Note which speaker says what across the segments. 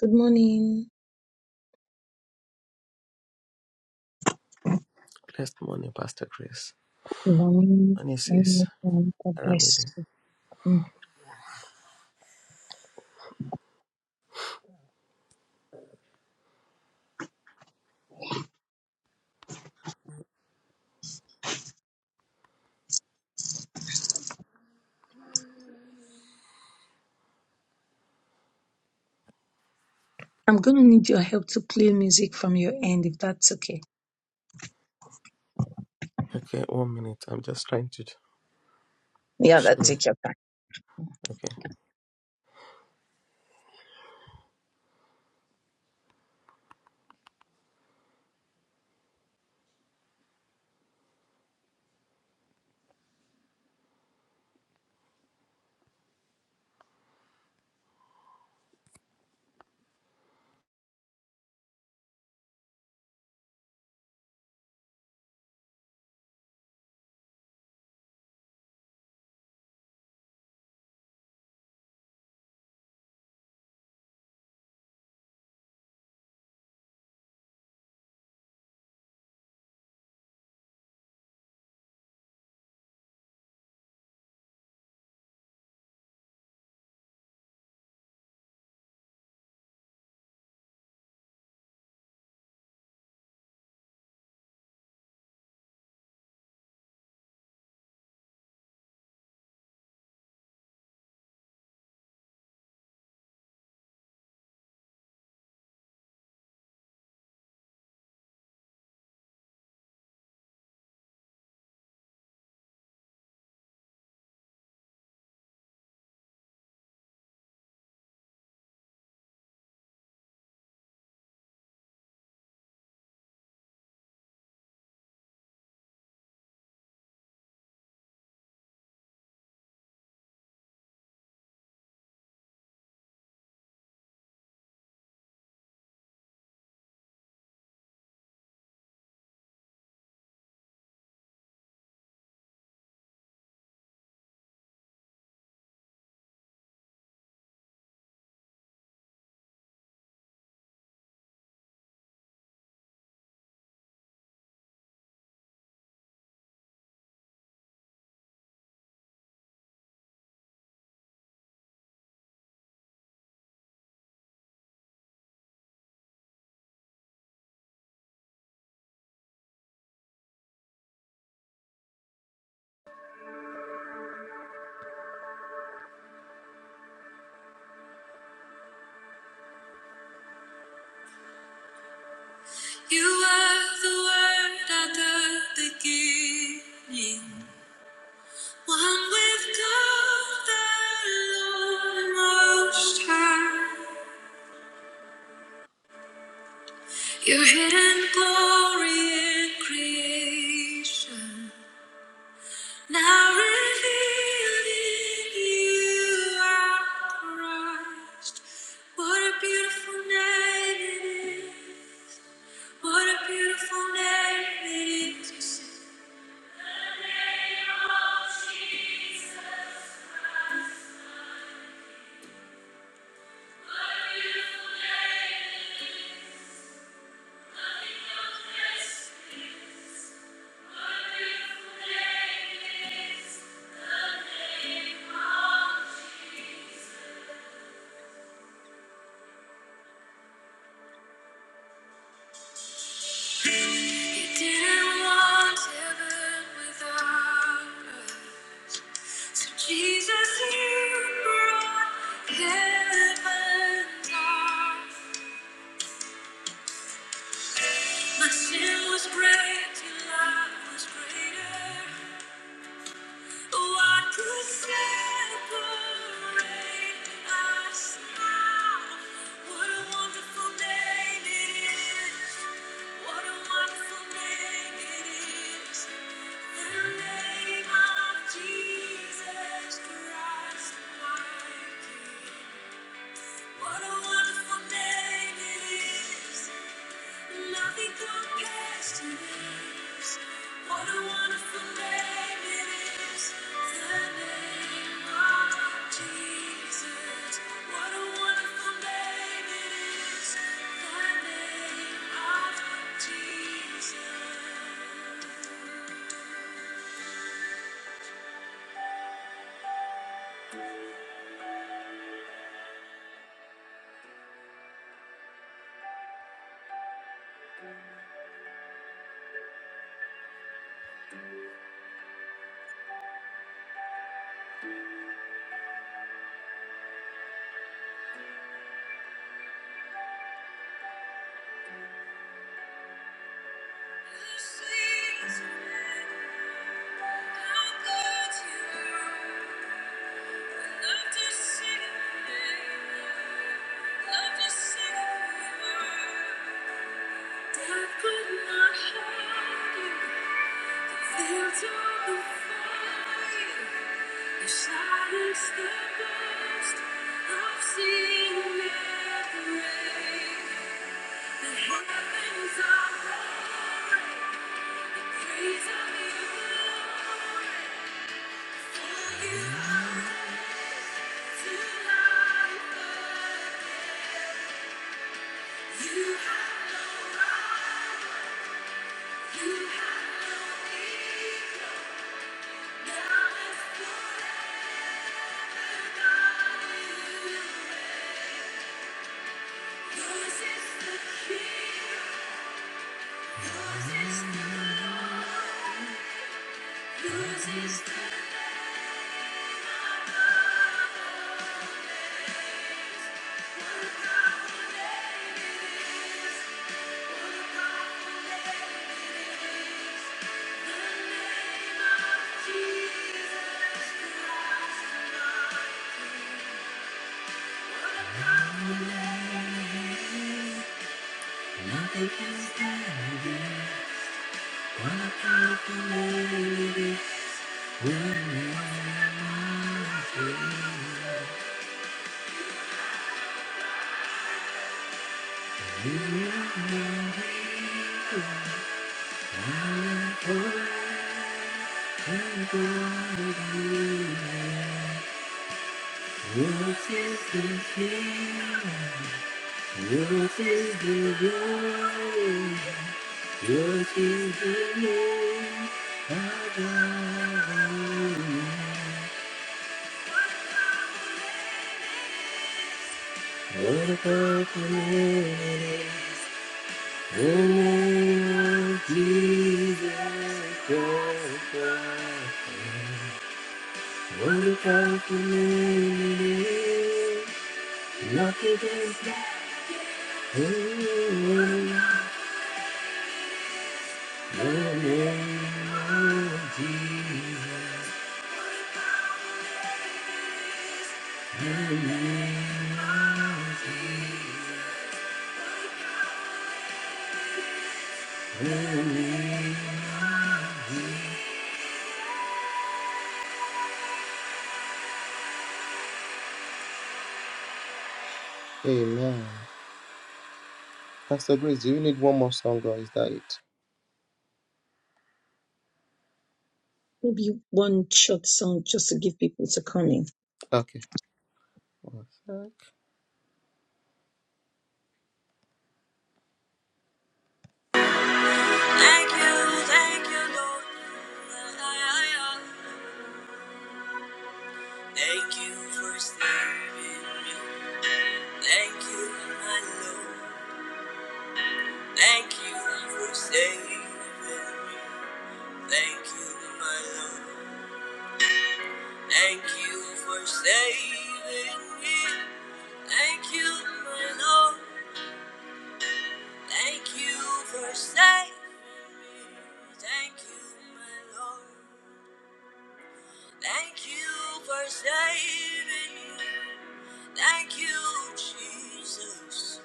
Speaker 1: Good morning.
Speaker 2: Blessed morning, Pastor Grace.
Speaker 1: Morning,
Speaker 2: And he says,
Speaker 1: everyone. God bless
Speaker 2: Aramide.
Speaker 1: you. Mm. I'm going to need your help to play music from your end, if that's okay.
Speaker 2: Okay, one minute. I'm just trying to
Speaker 1: Yeah, that
Speaker 2: sure.
Speaker 1: take your time.
Speaker 2: Okay. You are the word at the beginning. One with God, the Lord Most High. Your hidden glory in creation. Now revealed in you are Christ. What a beautiful name it is. What a beautiful name it is. to sing. He didn't want heaven without us. So Jesus, you brought heaven down. My sin was great, your love was greater. What could separate us now? What a wonderful name it is. What a wonderful name it is. The name of Jesus Christ, my King. What a wonderful name it is. Nothing compares to this. What a wonderful name it is. The name of Jesus. What a wonderful name it is. The name of Jesus. Love to sing. Thank you. What a powerful name it is. What about the community? The name of Jesus Christ. What about the community? Nothing can stop The name of Jesus. Amen. Pastor Grace, do you need one more song or is that
Speaker 1: Maybe one short song just to give people to come in.
Speaker 2: it? Okay. Thank you, thank you, Lord. Thank you for saving me. Thank you, my Lord. Thank you for saving me. Thank you, my Lord. Thank you for saving me. Thank you, my Lord. Thank you for saving. Thank you, my Lord. Thank you for saving me. Thank you, Jesus.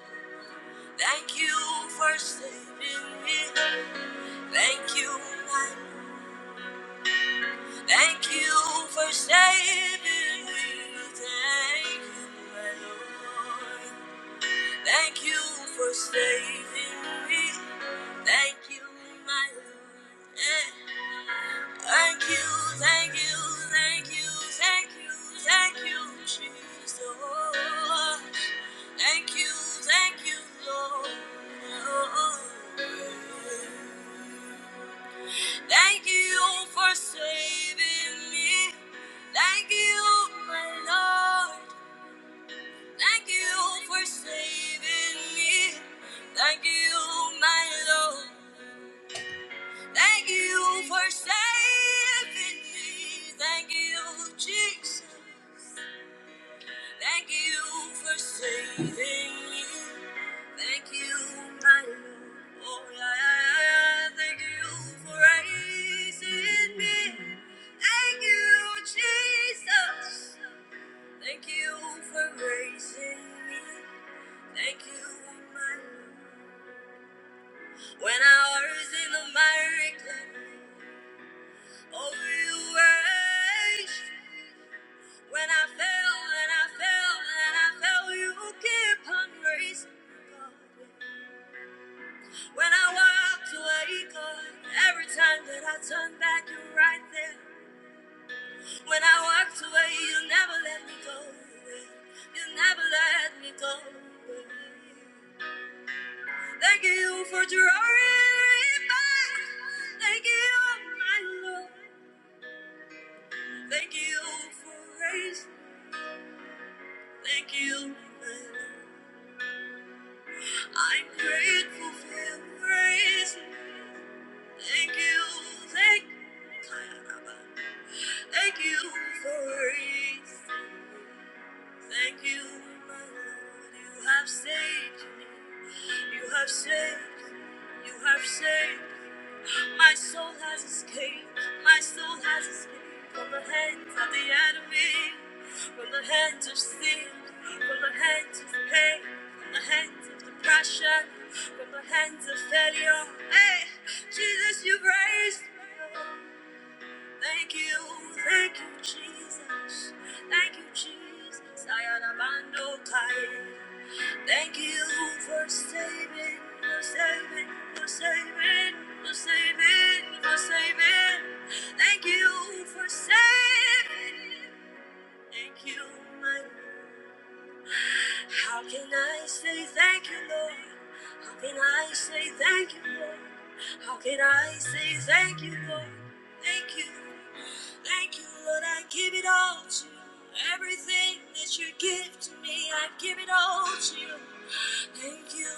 Speaker 2: Thank you for saving me. Thank you, my. Lord. Thank you for saving me. Thank you, my Lord. Thank you for saving me. Thank you, my Lord. Eh. Thank you, thank you, thank you, thank you, thank you, Jesus. Thank you, thank you, Lord. Thank you for saving me. Thank you, my Lord. Thank you for saving me. Thank you, my Lord. Thank you for saving me. Thank you, Jesus. Thank you for saving me. Thank you, my Lord. Oh, yeah. yeah, yeah. Thank you for raising me. Thank you, Jesus. Thank you for raising me. Thank you, my Lord. When I was in the miry clay, Oh, you raised when I fell, and I fell, and I fell. You keep on raising. me, God. When I walked away, God, every time that I turn back, you're right there. When I walked away, you never let me go. away. You never let me go. away. Thank you for drawing me back. Thank you, my Lord. Thank you for raising. Thank you. I'm grateful for your grace. Thank you. Thank Thank you for grace. Thank you, my Lord. You have saved me. You have saved. me. You have saved. me. My soul has escaped, my soul has escaped from the hands of the enemy, from the hands of sin, from the hands of pain, from the hands of depression, from the hands of failure. Hey, Jesus, you've raised me up. Thank you, thank you, Jesus. Thank you, Jesus. I am a man, no kind. Thank you for saving, for saving, for saving, for saving, for saving. Thank you for saving. Thank you, my Lord. How can I say thank you, Lord? How can I say thank you, Lord? How can I say thank you, Lord? Thank you. Thank you, Lord. I give it all to you. Everything that you give to me, I give it all to you. Thank you.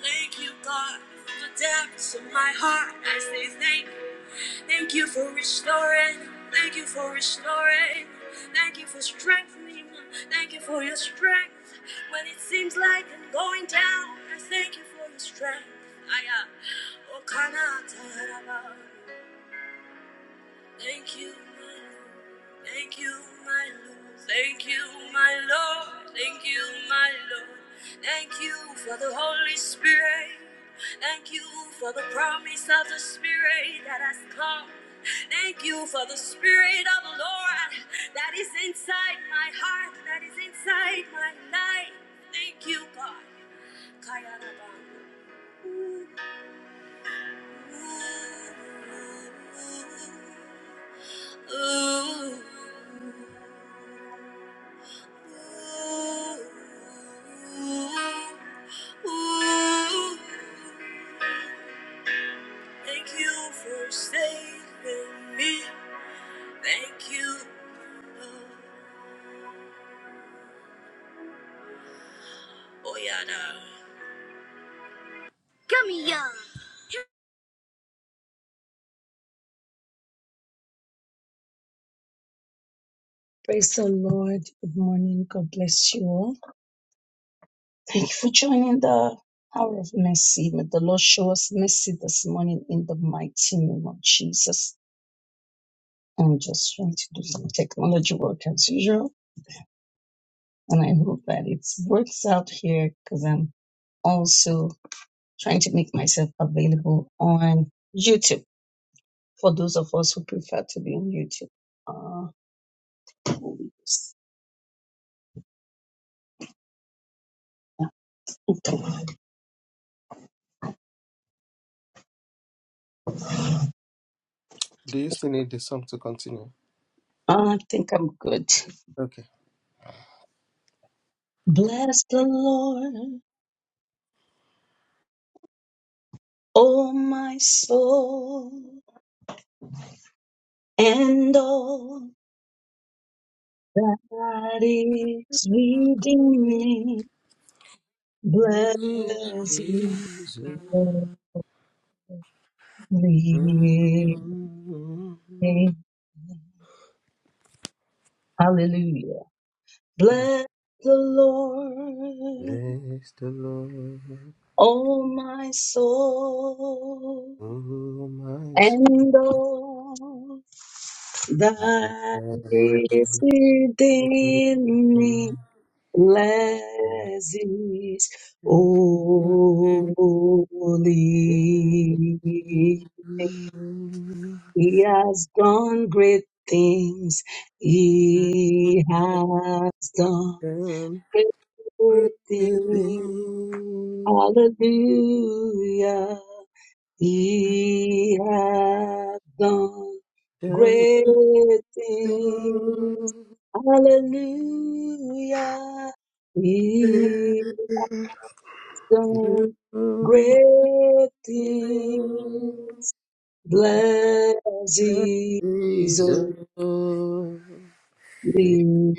Speaker 2: Thank you, God. From the depths of my heart, I say thank you. Thank you for restoring. Thank you for restoring. Thank you for strengthening. Thank you for your strength. When it seems like I'm going down, I thank you for your strength. Aya. Okana Taraba. Thank you, my Lord. Thank you, my Lord. Thank you, my Lord. Thank you, my Lord. Thank you for the Holy Spirit. Thank you for the promise of the Spirit that has come. Thank you for the Spirit of the Lord that is inside my heart, that is inside my life. Thank you, God. Kaya Rabba. Ooh, ooh, ooh. Thank you for saving me. Thank you. Oh, yada. Gummy ya.
Speaker 1: Praise the Lord. Good morning. God bless you all. Thank you for joining the hour of mercy. May the Lord show us mercy this morning in the mighty name of Jesus. I'm just trying to do some technology work as usual. and I hope that it works out here because I'm also trying to make myself available on YouTube for those of us who prefer to be on YouTube. Uh, okay.
Speaker 2: Do you still need the song to continue?
Speaker 1: I think I'm good.
Speaker 2: Okay.
Speaker 1: Bless the Lord, oh my soul, and all that is within me.
Speaker 2: Bless
Speaker 1: Bless His
Speaker 2: the
Speaker 1: holy name. Hallelujah. Bless the Lord,
Speaker 2: Lord,
Speaker 1: O my soul,
Speaker 2: oh my
Speaker 1: and all
Speaker 2: Done great
Speaker 1: that
Speaker 2: things, done
Speaker 1: is within me. Bless his
Speaker 2: things.
Speaker 1: holy.
Speaker 2: You giving
Speaker 1: name. He has done great things. He has done great things. Hallelujah. He hath done great things. Hallelujah. He hath done great things. Bless
Speaker 2: the
Speaker 1: his holy
Speaker 2: reason for
Speaker 1: name.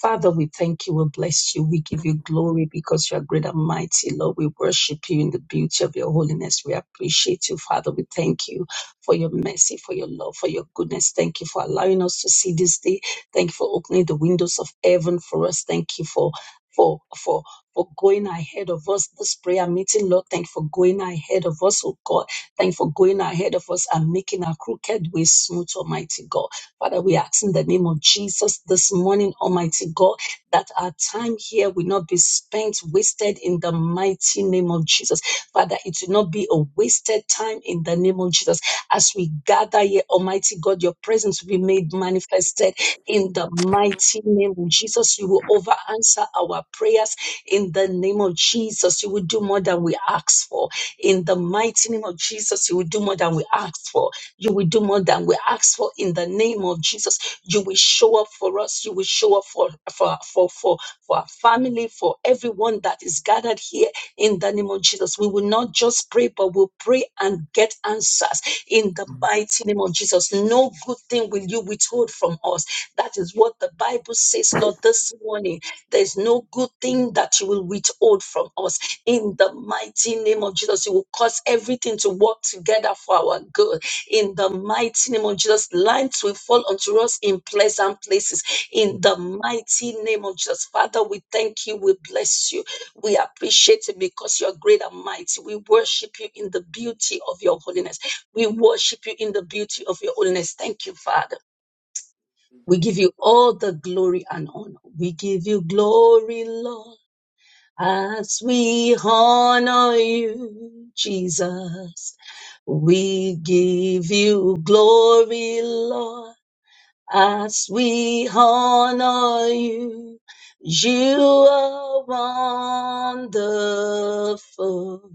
Speaker 1: Father, we thank you. We bless you. We give you glory because you are great and mighty, Lord. We worship you in the beauty of your holiness. We appreciate you, Father. We thank you for your mercy, for your love, for your goodness. Thank you for allowing us to see this day. Thank you for opening the windows of heaven for us. Thank you for for for for going ahead of us this prayer meeting, Lord. Thank you for going ahead of us, oh God. Thank you for going ahead of us and making our crooked way smooth, Almighty God. Father, we ask in the name of Jesus this morning, Almighty God, that our time here will not be spent wasted in the mighty name of Jesus. Father, it will not be a wasted time in the name of Jesus. As we gather here, Almighty God, your presence will be made manifested in the mighty name of Jesus. You will over answer our prayers in the name of Jesus. You will do more than we ask for. In the mighty name of Jesus, you will do more than we ask for you will do more than we ask for in the name of Jesus. You will show up for us. You will show up for for for for, for our family, for everyone that is gathered here in the name of Jesus. We will not just pray, but we'll pray and get answers in the mighty name of Jesus. No good thing will you withhold from us. That is what the Bible says, Lord, this morning. There's no good thing that you will withhold from us. In the mighty name of Jesus, you will cause everything to work together for our good in the mighty name of Jesus. Lines will fall unto us in pleasant places. In the mighty name of Jesus. Father, we thank you. We bless you. We appreciate it because you are great and mighty. We worship you in the beauty of your holiness. We worship you in the beauty of your holiness. Thank you, Father. We give you all the glory and honor. We give you glory, Lord. As we honor you, Jesus, we give you glory, Lord. As we honor you, you are wonderful.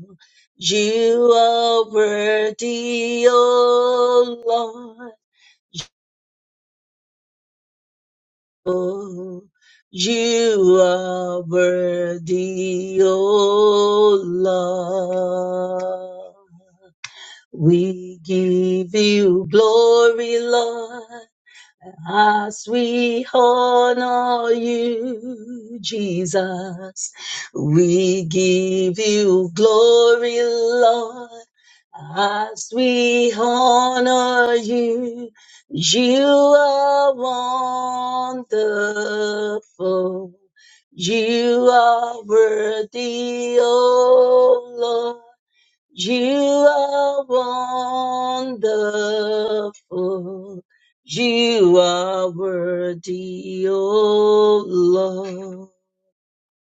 Speaker 1: You are worthy, O Lord. You are worthy, O Lord. We give you glory, Lord. As we honor you, Jesus, we give you glory, Lord. As we honor you, you are wonderful. You are worthy, O Lord. You are wonderful. You are worthy, O Lord.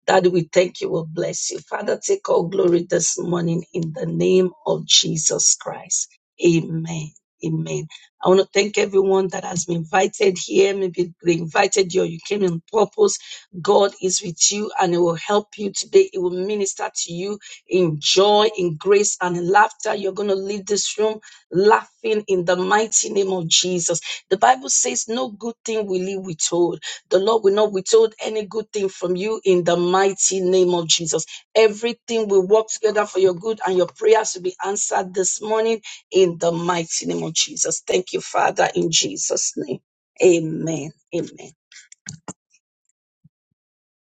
Speaker 1: Daddy, we thank you. We bless you. Father, take all glory this morning in the name of Jesus Christ. Amen. Amen. I want to thank everyone that has been invited here. Maybe they invited you or you came on purpose. God is with you and He will help you today. He will minister to you in joy, in grace, and in laughter. You're going to leave this room laughing in the mighty name of Jesus. The Bible says, No good thing will He withhold the Lord will not withhold any good thing from you in the mighty name of Jesus. Everything will work together for your good and your prayers will be answered this morning in the mighty name of Jesus. Thank you, Father, in Jesus' name. Amen. Amen.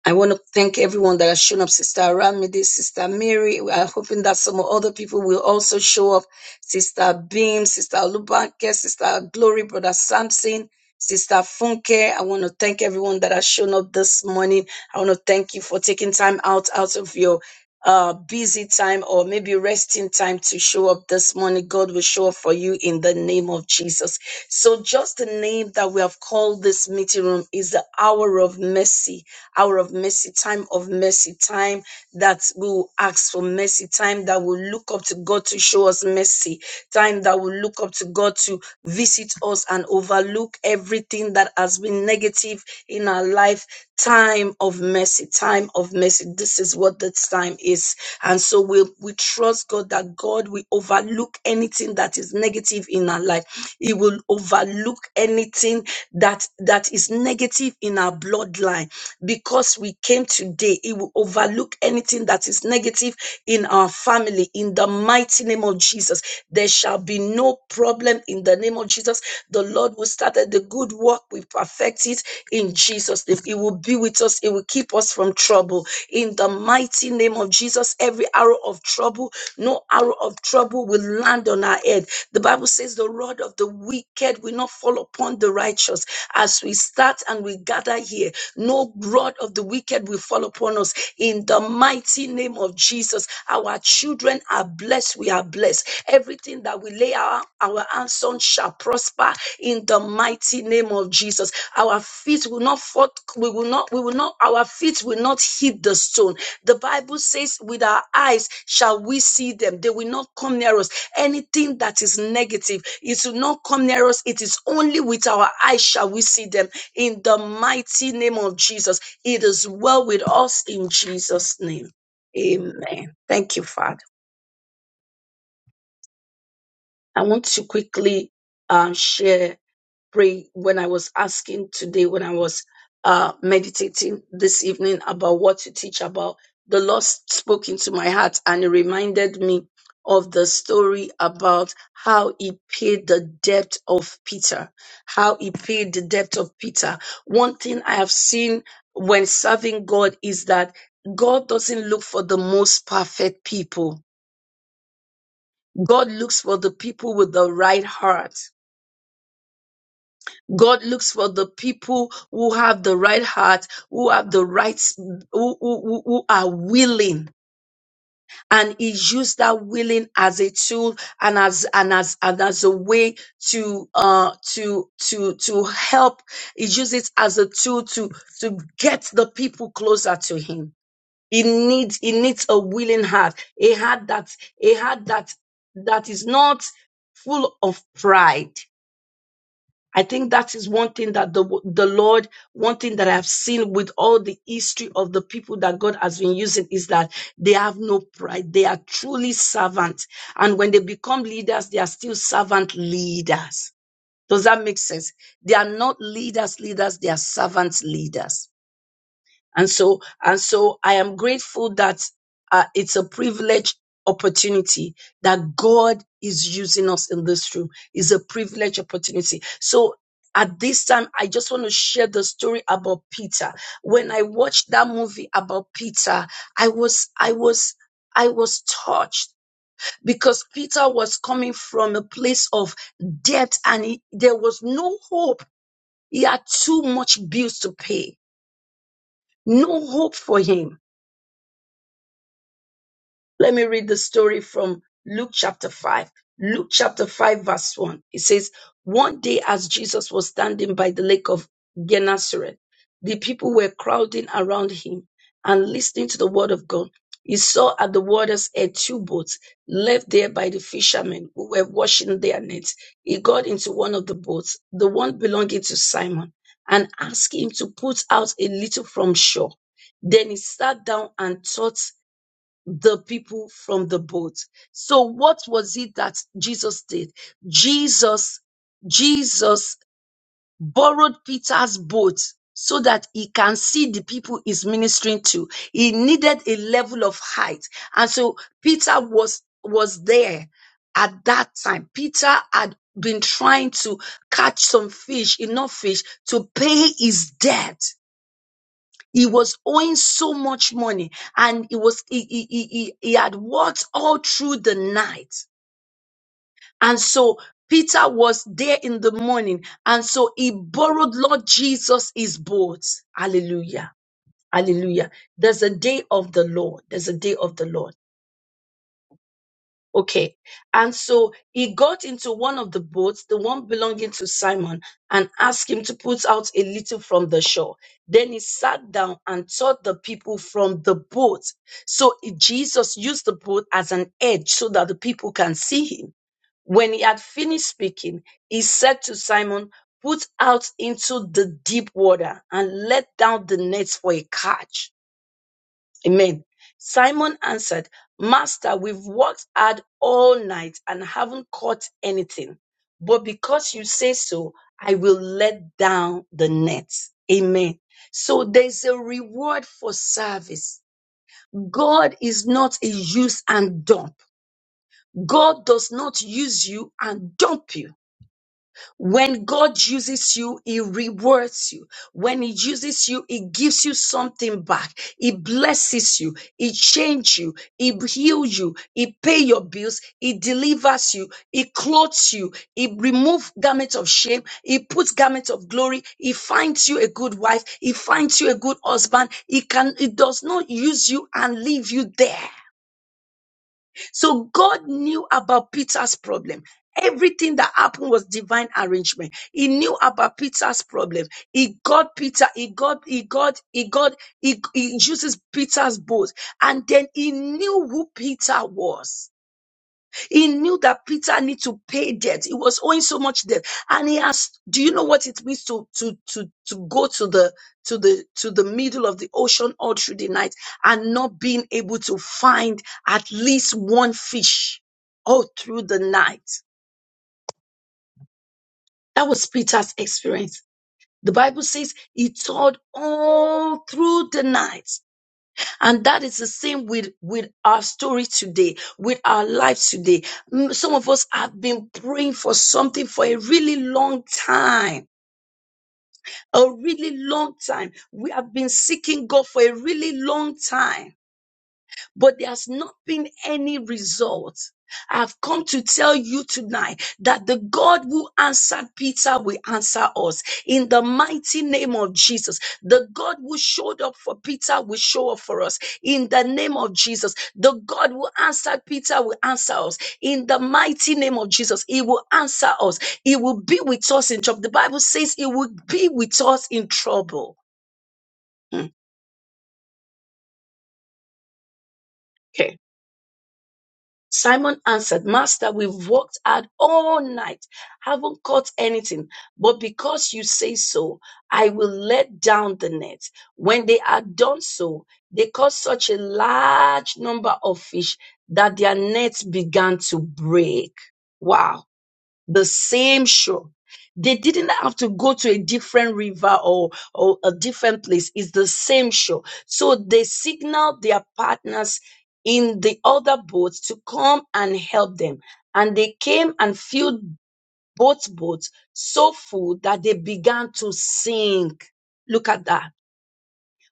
Speaker 1: I want to thank everyone that has shown up, Sister Ramide, Sister Mary. I'm hoping that some other people will also show up. Sister Beam, Sister Lubanke, Sister Glory, Brother Samson, Sister Funke. I want to thank everyone that has shown up this morning. I want to thank you for taking time out out of your uh busy time or maybe resting time to show up this morning. God will show up for you in the name of Jesus. So just the name that we have called this meeting room is the hour of mercy, hour of mercy, time of mercy, time that we will ask for mercy, time that will look up to God to show us mercy, time that will look up to God to visit us and overlook everything that has been negative in our life. Time of mercy, time of mercy. This is what the time is. And so we, we trust God that God will overlook anything that is negative in our life and like he will overlook anything that that is negative in our bloodline because we came today he will overlook anything that is negative in our family in the mighty name of jesus there shall be no problem in the name of jesus the lord who started the good work we perfect it in jesus name he will be with us he will keep us from trouble in the mighty name of jesus every arrow of trouble no arrow of trouble will land on our head wicked. The Bible says the rod of the wicked will not fall upon the righteous. As we start and we gather here, no rod of the wicked will fall upon us. In the mighty name of Jesus, our children are blessed. We are blessed. Everything that we lay our, our hands on shall prosper in the mighty name of Jesus. Our feet will not fall, we will not, we will not, our feet will not hit the stone. The Bible says, with our eyes shall we see them. They will not come near us anything that is negative, it will not come near us. It is only with our eyes shall we see them. In the mighty name of Jesus, it is well with us in Jesus' name. Amen. Thank you, Father. I want to quickly um, share. pray when I was asking today, when I was uh, meditating this evening about what to teach about, the Lord spoke into my heart and it reminded me of the story about how he paid the debt of Peter. How he paid the debt of Peter. One thing I have seen when serving God is that God doesn't look for the most perfect people. God looks for the people with the right heart. God looks for the people who have the right heart, who have the right, who, who, who who are willing. And he used that willing as a tool and as and as and as a way to uh to to to help. He used it as a tool to to get the people closer to him. He needs he needs a willing heart, a heart that a heart that that is not full of pride I think that is one thing that the the Lord, one thing that I have seen with all the history of the people that God has been using is that they have no pride. They are truly servants. And when they become leaders, they are still servant leaders. Does that make sense? They are not leaders, leaders, they are servant leaders. And so, and so I am grateful that uh, it's a privilege opportunity that God is using us in this room is a privilege opportunity. So at this time, I just want to share the story about Peter. When I watched that movie about Peter, I was, I was, I was touched because Peter was coming from a place of debt and he, there was no hope. He had too much bills to pay. No hope for him Let me read the story from Luke chapter 5. Luke chapter 5, verse 1. It says, One day as Jesus was standing by the lake of Gennesaret, the people were crowding around him and listening to the word of God. He saw at the water's edge two boats left there by the fishermen who were washing their nets. He got into one of the boats, the one belonging to Simon, and asked him to put out a little from shore. Then he sat down and taught the people from the boat. So what was it that Jesus did? Jesus, Jesus borrowed Peter's boat so that he can see the people he's ministering to. He needed a level of height. And so Peter was, was there at that time. Peter had been trying to catch some fish, enough fish to pay his debt. He was owing so much money and he was, he, he, he, he he had worked all through the night. And so Peter was there in the morning. And so he borrowed Lord Jesus his boat. Hallelujah. Hallelujah. There's a day of the Lord. There's a day of the Lord. Okay. And so he got into one of the boats, the one belonging to Simon, and asked him to put out a little from the shore. Then he sat down and taught the people from the boat. So he- Jesus used the boat as an edge so that the people can see him. When he had finished speaking, he said to Simon, Put out into the deep water and let down the nets for a catch. Amen. Simon answered, Master, we've worked hard all night and haven't caught anything. But because you say so, I will let down the net. Amen. So there's a reward for service. God is not a use and dump. God does not use you and dump you. When God uses you, He rewards you. When He uses you, He gives you something back. He blesses you. He changes you. He heals you. He pays your bills. He delivers you. He clothes you. He removes garments of shame. He puts garments of glory. He finds you a good wife. He finds you a good husband. He can. He does not use you and leave you there. So God knew about Peter's problem. Everything that happened was divine arrangement. He knew about Peter's problem. He got Peter, he got, he got, he got, he, he uses Peter's boat. And then he knew who Peter was. He knew that Peter needed to pay debt. He was owing so much debt. And he asked, do you know what it means to, to, to, to go to the, to the, to the middle of the ocean all through the night and not being able to find at least one fish all through the night? That was Peter's experience. The Bible says he toiled all through the night. And that is the same with, with our story today, with our life today. Mm, Some of us have been praying for something for a really long time, a really long time. We have been seeking God for a really long time but there has not been any result. I've come to tell you tonight that the God who answered Peter will answer us in the mighty name of Jesus. The God who showed up for Peter will show up for us in the name of Jesus. The God who answered Peter will answer us in the mighty name of Jesus. He will answer us. He will be with us in trouble. The Bible says he will be with us in trouble. Mm. Simon answered, Master, we've worked hard all night, haven't caught anything. But because you say so, I will let down the net. When they had done so, they caught such a large number of fish that their nets began to break. Wow the same shore. They didn't have to go to a different river or, or a different place. It's the same shore. So they signaled their partners in the other boats to come and help them. And they came and filled both boats so full that they began to sink. Look at that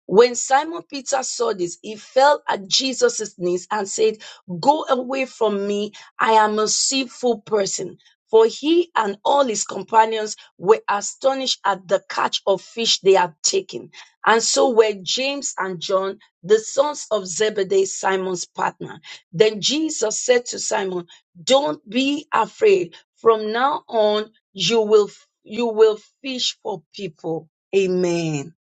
Speaker 1: when Simon Peter saw this, he fell at Jesus' knees and said, Go away from me. I am a sinful person. For he and all his companions were astonished at the catch of fish they had taken. And so were James and John, the sons of Zebedee, Simon's partner. Then Jesus said to Simon, Don't be afraid. From now on, you will you will fish for people. Amen.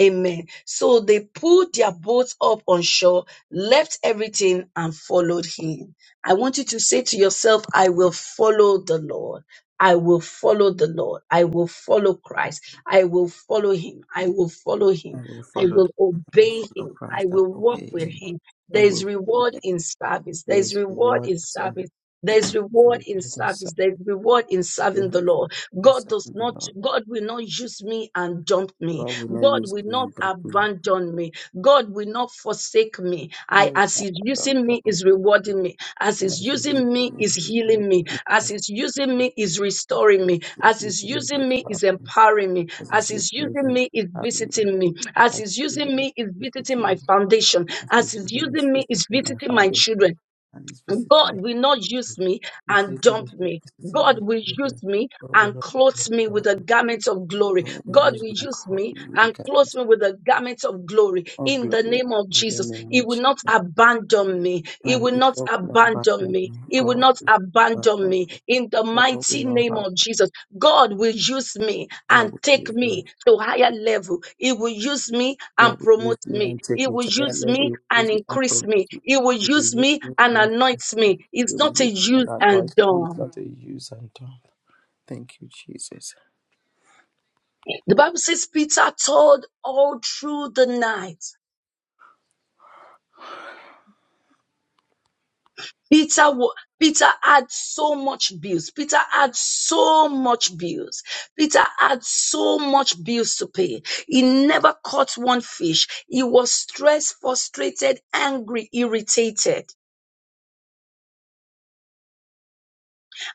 Speaker 1: Amen. So they pulled their boats up on shore, left everything, and followed him. I want you to say to yourself, I will follow the Lord. I will follow the Lord. I will follow Christ. I will follow him. I will follow him.
Speaker 2: I will
Speaker 1: I
Speaker 2: follow the
Speaker 1: will
Speaker 2: path. I will
Speaker 1: obey
Speaker 2: follow
Speaker 1: him. I
Speaker 2: Christ I
Speaker 1: will
Speaker 2: will
Speaker 1: walk
Speaker 2: obey
Speaker 1: with
Speaker 2: him.
Speaker 1: him.
Speaker 2: I
Speaker 1: There is
Speaker 2: will walk with
Speaker 1: reward
Speaker 2: Him.
Speaker 1: in service. There
Speaker 2: There
Speaker 1: is
Speaker 2: is
Speaker 1: reward
Speaker 2: reward
Speaker 1: in
Speaker 2: in service.
Speaker 1: service. There is
Speaker 2: There is
Speaker 1: reward in
Speaker 2: reward in service.
Speaker 1: service. There is reward in
Speaker 2: There is
Speaker 1: serving the
Speaker 2: reward
Speaker 1: Lord.
Speaker 2: in
Speaker 1: God does
Speaker 2: serving the
Speaker 1: not,
Speaker 2: Lord.
Speaker 1: God will not use me and dump me.
Speaker 2: God will not
Speaker 1: God
Speaker 2: use
Speaker 1: will
Speaker 2: me
Speaker 1: not
Speaker 2: and break me.
Speaker 1: abandon me. God will not forsake me.
Speaker 2: I
Speaker 1: I,
Speaker 2: will
Speaker 1: as
Speaker 2: not
Speaker 1: He's
Speaker 2: abandon
Speaker 1: using me,
Speaker 2: trouble.
Speaker 1: is rewarding me. As
Speaker 2: And
Speaker 1: He's
Speaker 2: as you
Speaker 1: using
Speaker 2: use
Speaker 1: me,
Speaker 2: me,
Speaker 1: is
Speaker 2: he will reward
Speaker 1: healing me.
Speaker 2: me
Speaker 1: As
Speaker 2: as
Speaker 1: He's using
Speaker 2: as
Speaker 1: me, is restoring me.
Speaker 2: his
Speaker 1: As He's
Speaker 2: using me,
Speaker 1: using
Speaker 2: with
Speaker 1: me,
Speaker 2: power.
Speaker 1: is empowering me.
Speaker 2: as
Speaker 1: As
Speaker 2: his using
Speaker 1: He's
Speaker 2: me,
Speaker 1: using
Speaker 2: and
Speaker 1: me, is
Speaker 2: having me.
Speaker 1: visiting me. As
Speaker 2: As
Speaker 1: He's
Speaker 2: his
Speaker 1: using
Speaker 2: using me,
Speaker 1: me, is
Speaker 2: He's
Speaker 1: visiting
Speaker 2: using
Speaker 1: my
Speaker 2: me.
Speaker 1: foundation.
Speaker 2: as
Speaker 1: As
Speaker 2: He's
Speaker 1: He's
Speaker 2: using His
Speaker 1: using me,
Speaker 2: face
Speaker 1: is
Speaker 2: in my
Speaker 1: visiting my
Speaker 2: foundation,
Speaker 1: children
Speaker 2: and He's visiting
Speaker 1: God
Speaker 2: me.
Speaker 1: will not use me
Speaker 2: He's
Speaker 1: and
Speaker 2: using His
Speaker 1: dump me.
Speaker 2: visiting
Speaker 1: God
Speaker 2: my
Speaker 1: will use
Speaker 2: children.
Speaker 1: me
Speaker 2: God will
Speaker 1: and
Speaker 2: not be
Speaker 1: clothe
Speaker 2: moved
Speaker 1: me with
Speaker 2: without
Speaker 1: a
Speaker 2: me.
Speaker 1: garment of glory.
Speaker 2: God will
Speaker 1: God
Speaker 2: use
Speaker 1: will
Speaker 2: me and
Speaker 1: use
Speaker 2: cover
Speaker 1: me
Speaker 2: me with the
Speaker 1: and clothe
Speaker 2: garment
Speaker 1: me with a garment of glory
Speaker 2: of
Speaker 1: in the
Speaker 2: glory
Speaker 1: name of
Speaker 2: in the
Speaker 1: Jesus.
Speaker 2: name
Speaker 1: He
Speaker 2: of
Speaker 1: will
Speaker 2: Jesus.
Speaker 1: not abandon me. He
Speaker 2: And
Speaker 1: will
Speaker 2: if
Speaker 1: not
Speaker 2: God will not
Speaker 1: abandon
Speaker 2: abandon
Speaker 1: me.
Speaker 2: me,
Speaker 1: He will not
Speaker 2: God
Speaker 1: not
Speaker 2: will not
Speaker 1: abandon
Speaker 2: abandon
Speaker 1: me
Speaker 2: me.
Speaker 1: in the
Speaker 2: God will
Speaker 1: mighty
Speaker 2: not
Speaker 1: name
Speaker 2: have
Speaker 1: of Jesus. God will use me and
Speaker 2: God will
Speaker 1: take
Speaker 2: use me.
Speaker 1: me to higher level. He will use me and
Speaker 2: God will use
Speaker 1: promote
Speaker 2: me
Speaker 1: me.
Speaker 2: and
Speaker 1: He
Speaker 2: take me
Speaker 1: will
Speaker 2: to that
Speaker 1: use
Speaker 2: level.
Speaker 1: me
Speaker 2: He will
Speaker 1: and
Speaker 2: use me and
Speaker 1: increase
Speaker 2: promote
Speaker 1: me.
Speaker 2: me.
Speaker 1: He will
Speaker 2: He will
Speaker 1: use
Speaker 2: use
Speaker 1: me
Speaker 2: me
Speaker 1: and
Speaker 2: and
Speaker 1: anoint
Speaker 2: increase me.
Speaker 1: me. It's
Speaker 2: He will
Speaker 1: not a
Speaker 2: use me and
Speaker 1: use and
Speaker 2: anoint me. He's
Speaker 1: done.
Speaker 2: not a user and done. Thank you, Jesus.
Speaker 1: The Bible says Peter told all through the night. Peter, wa- Peter had so much bills. Peter had so much bills. Peter had so much bills to pay. He never caught one fish. He was stressed, frustrated, angry, irritated.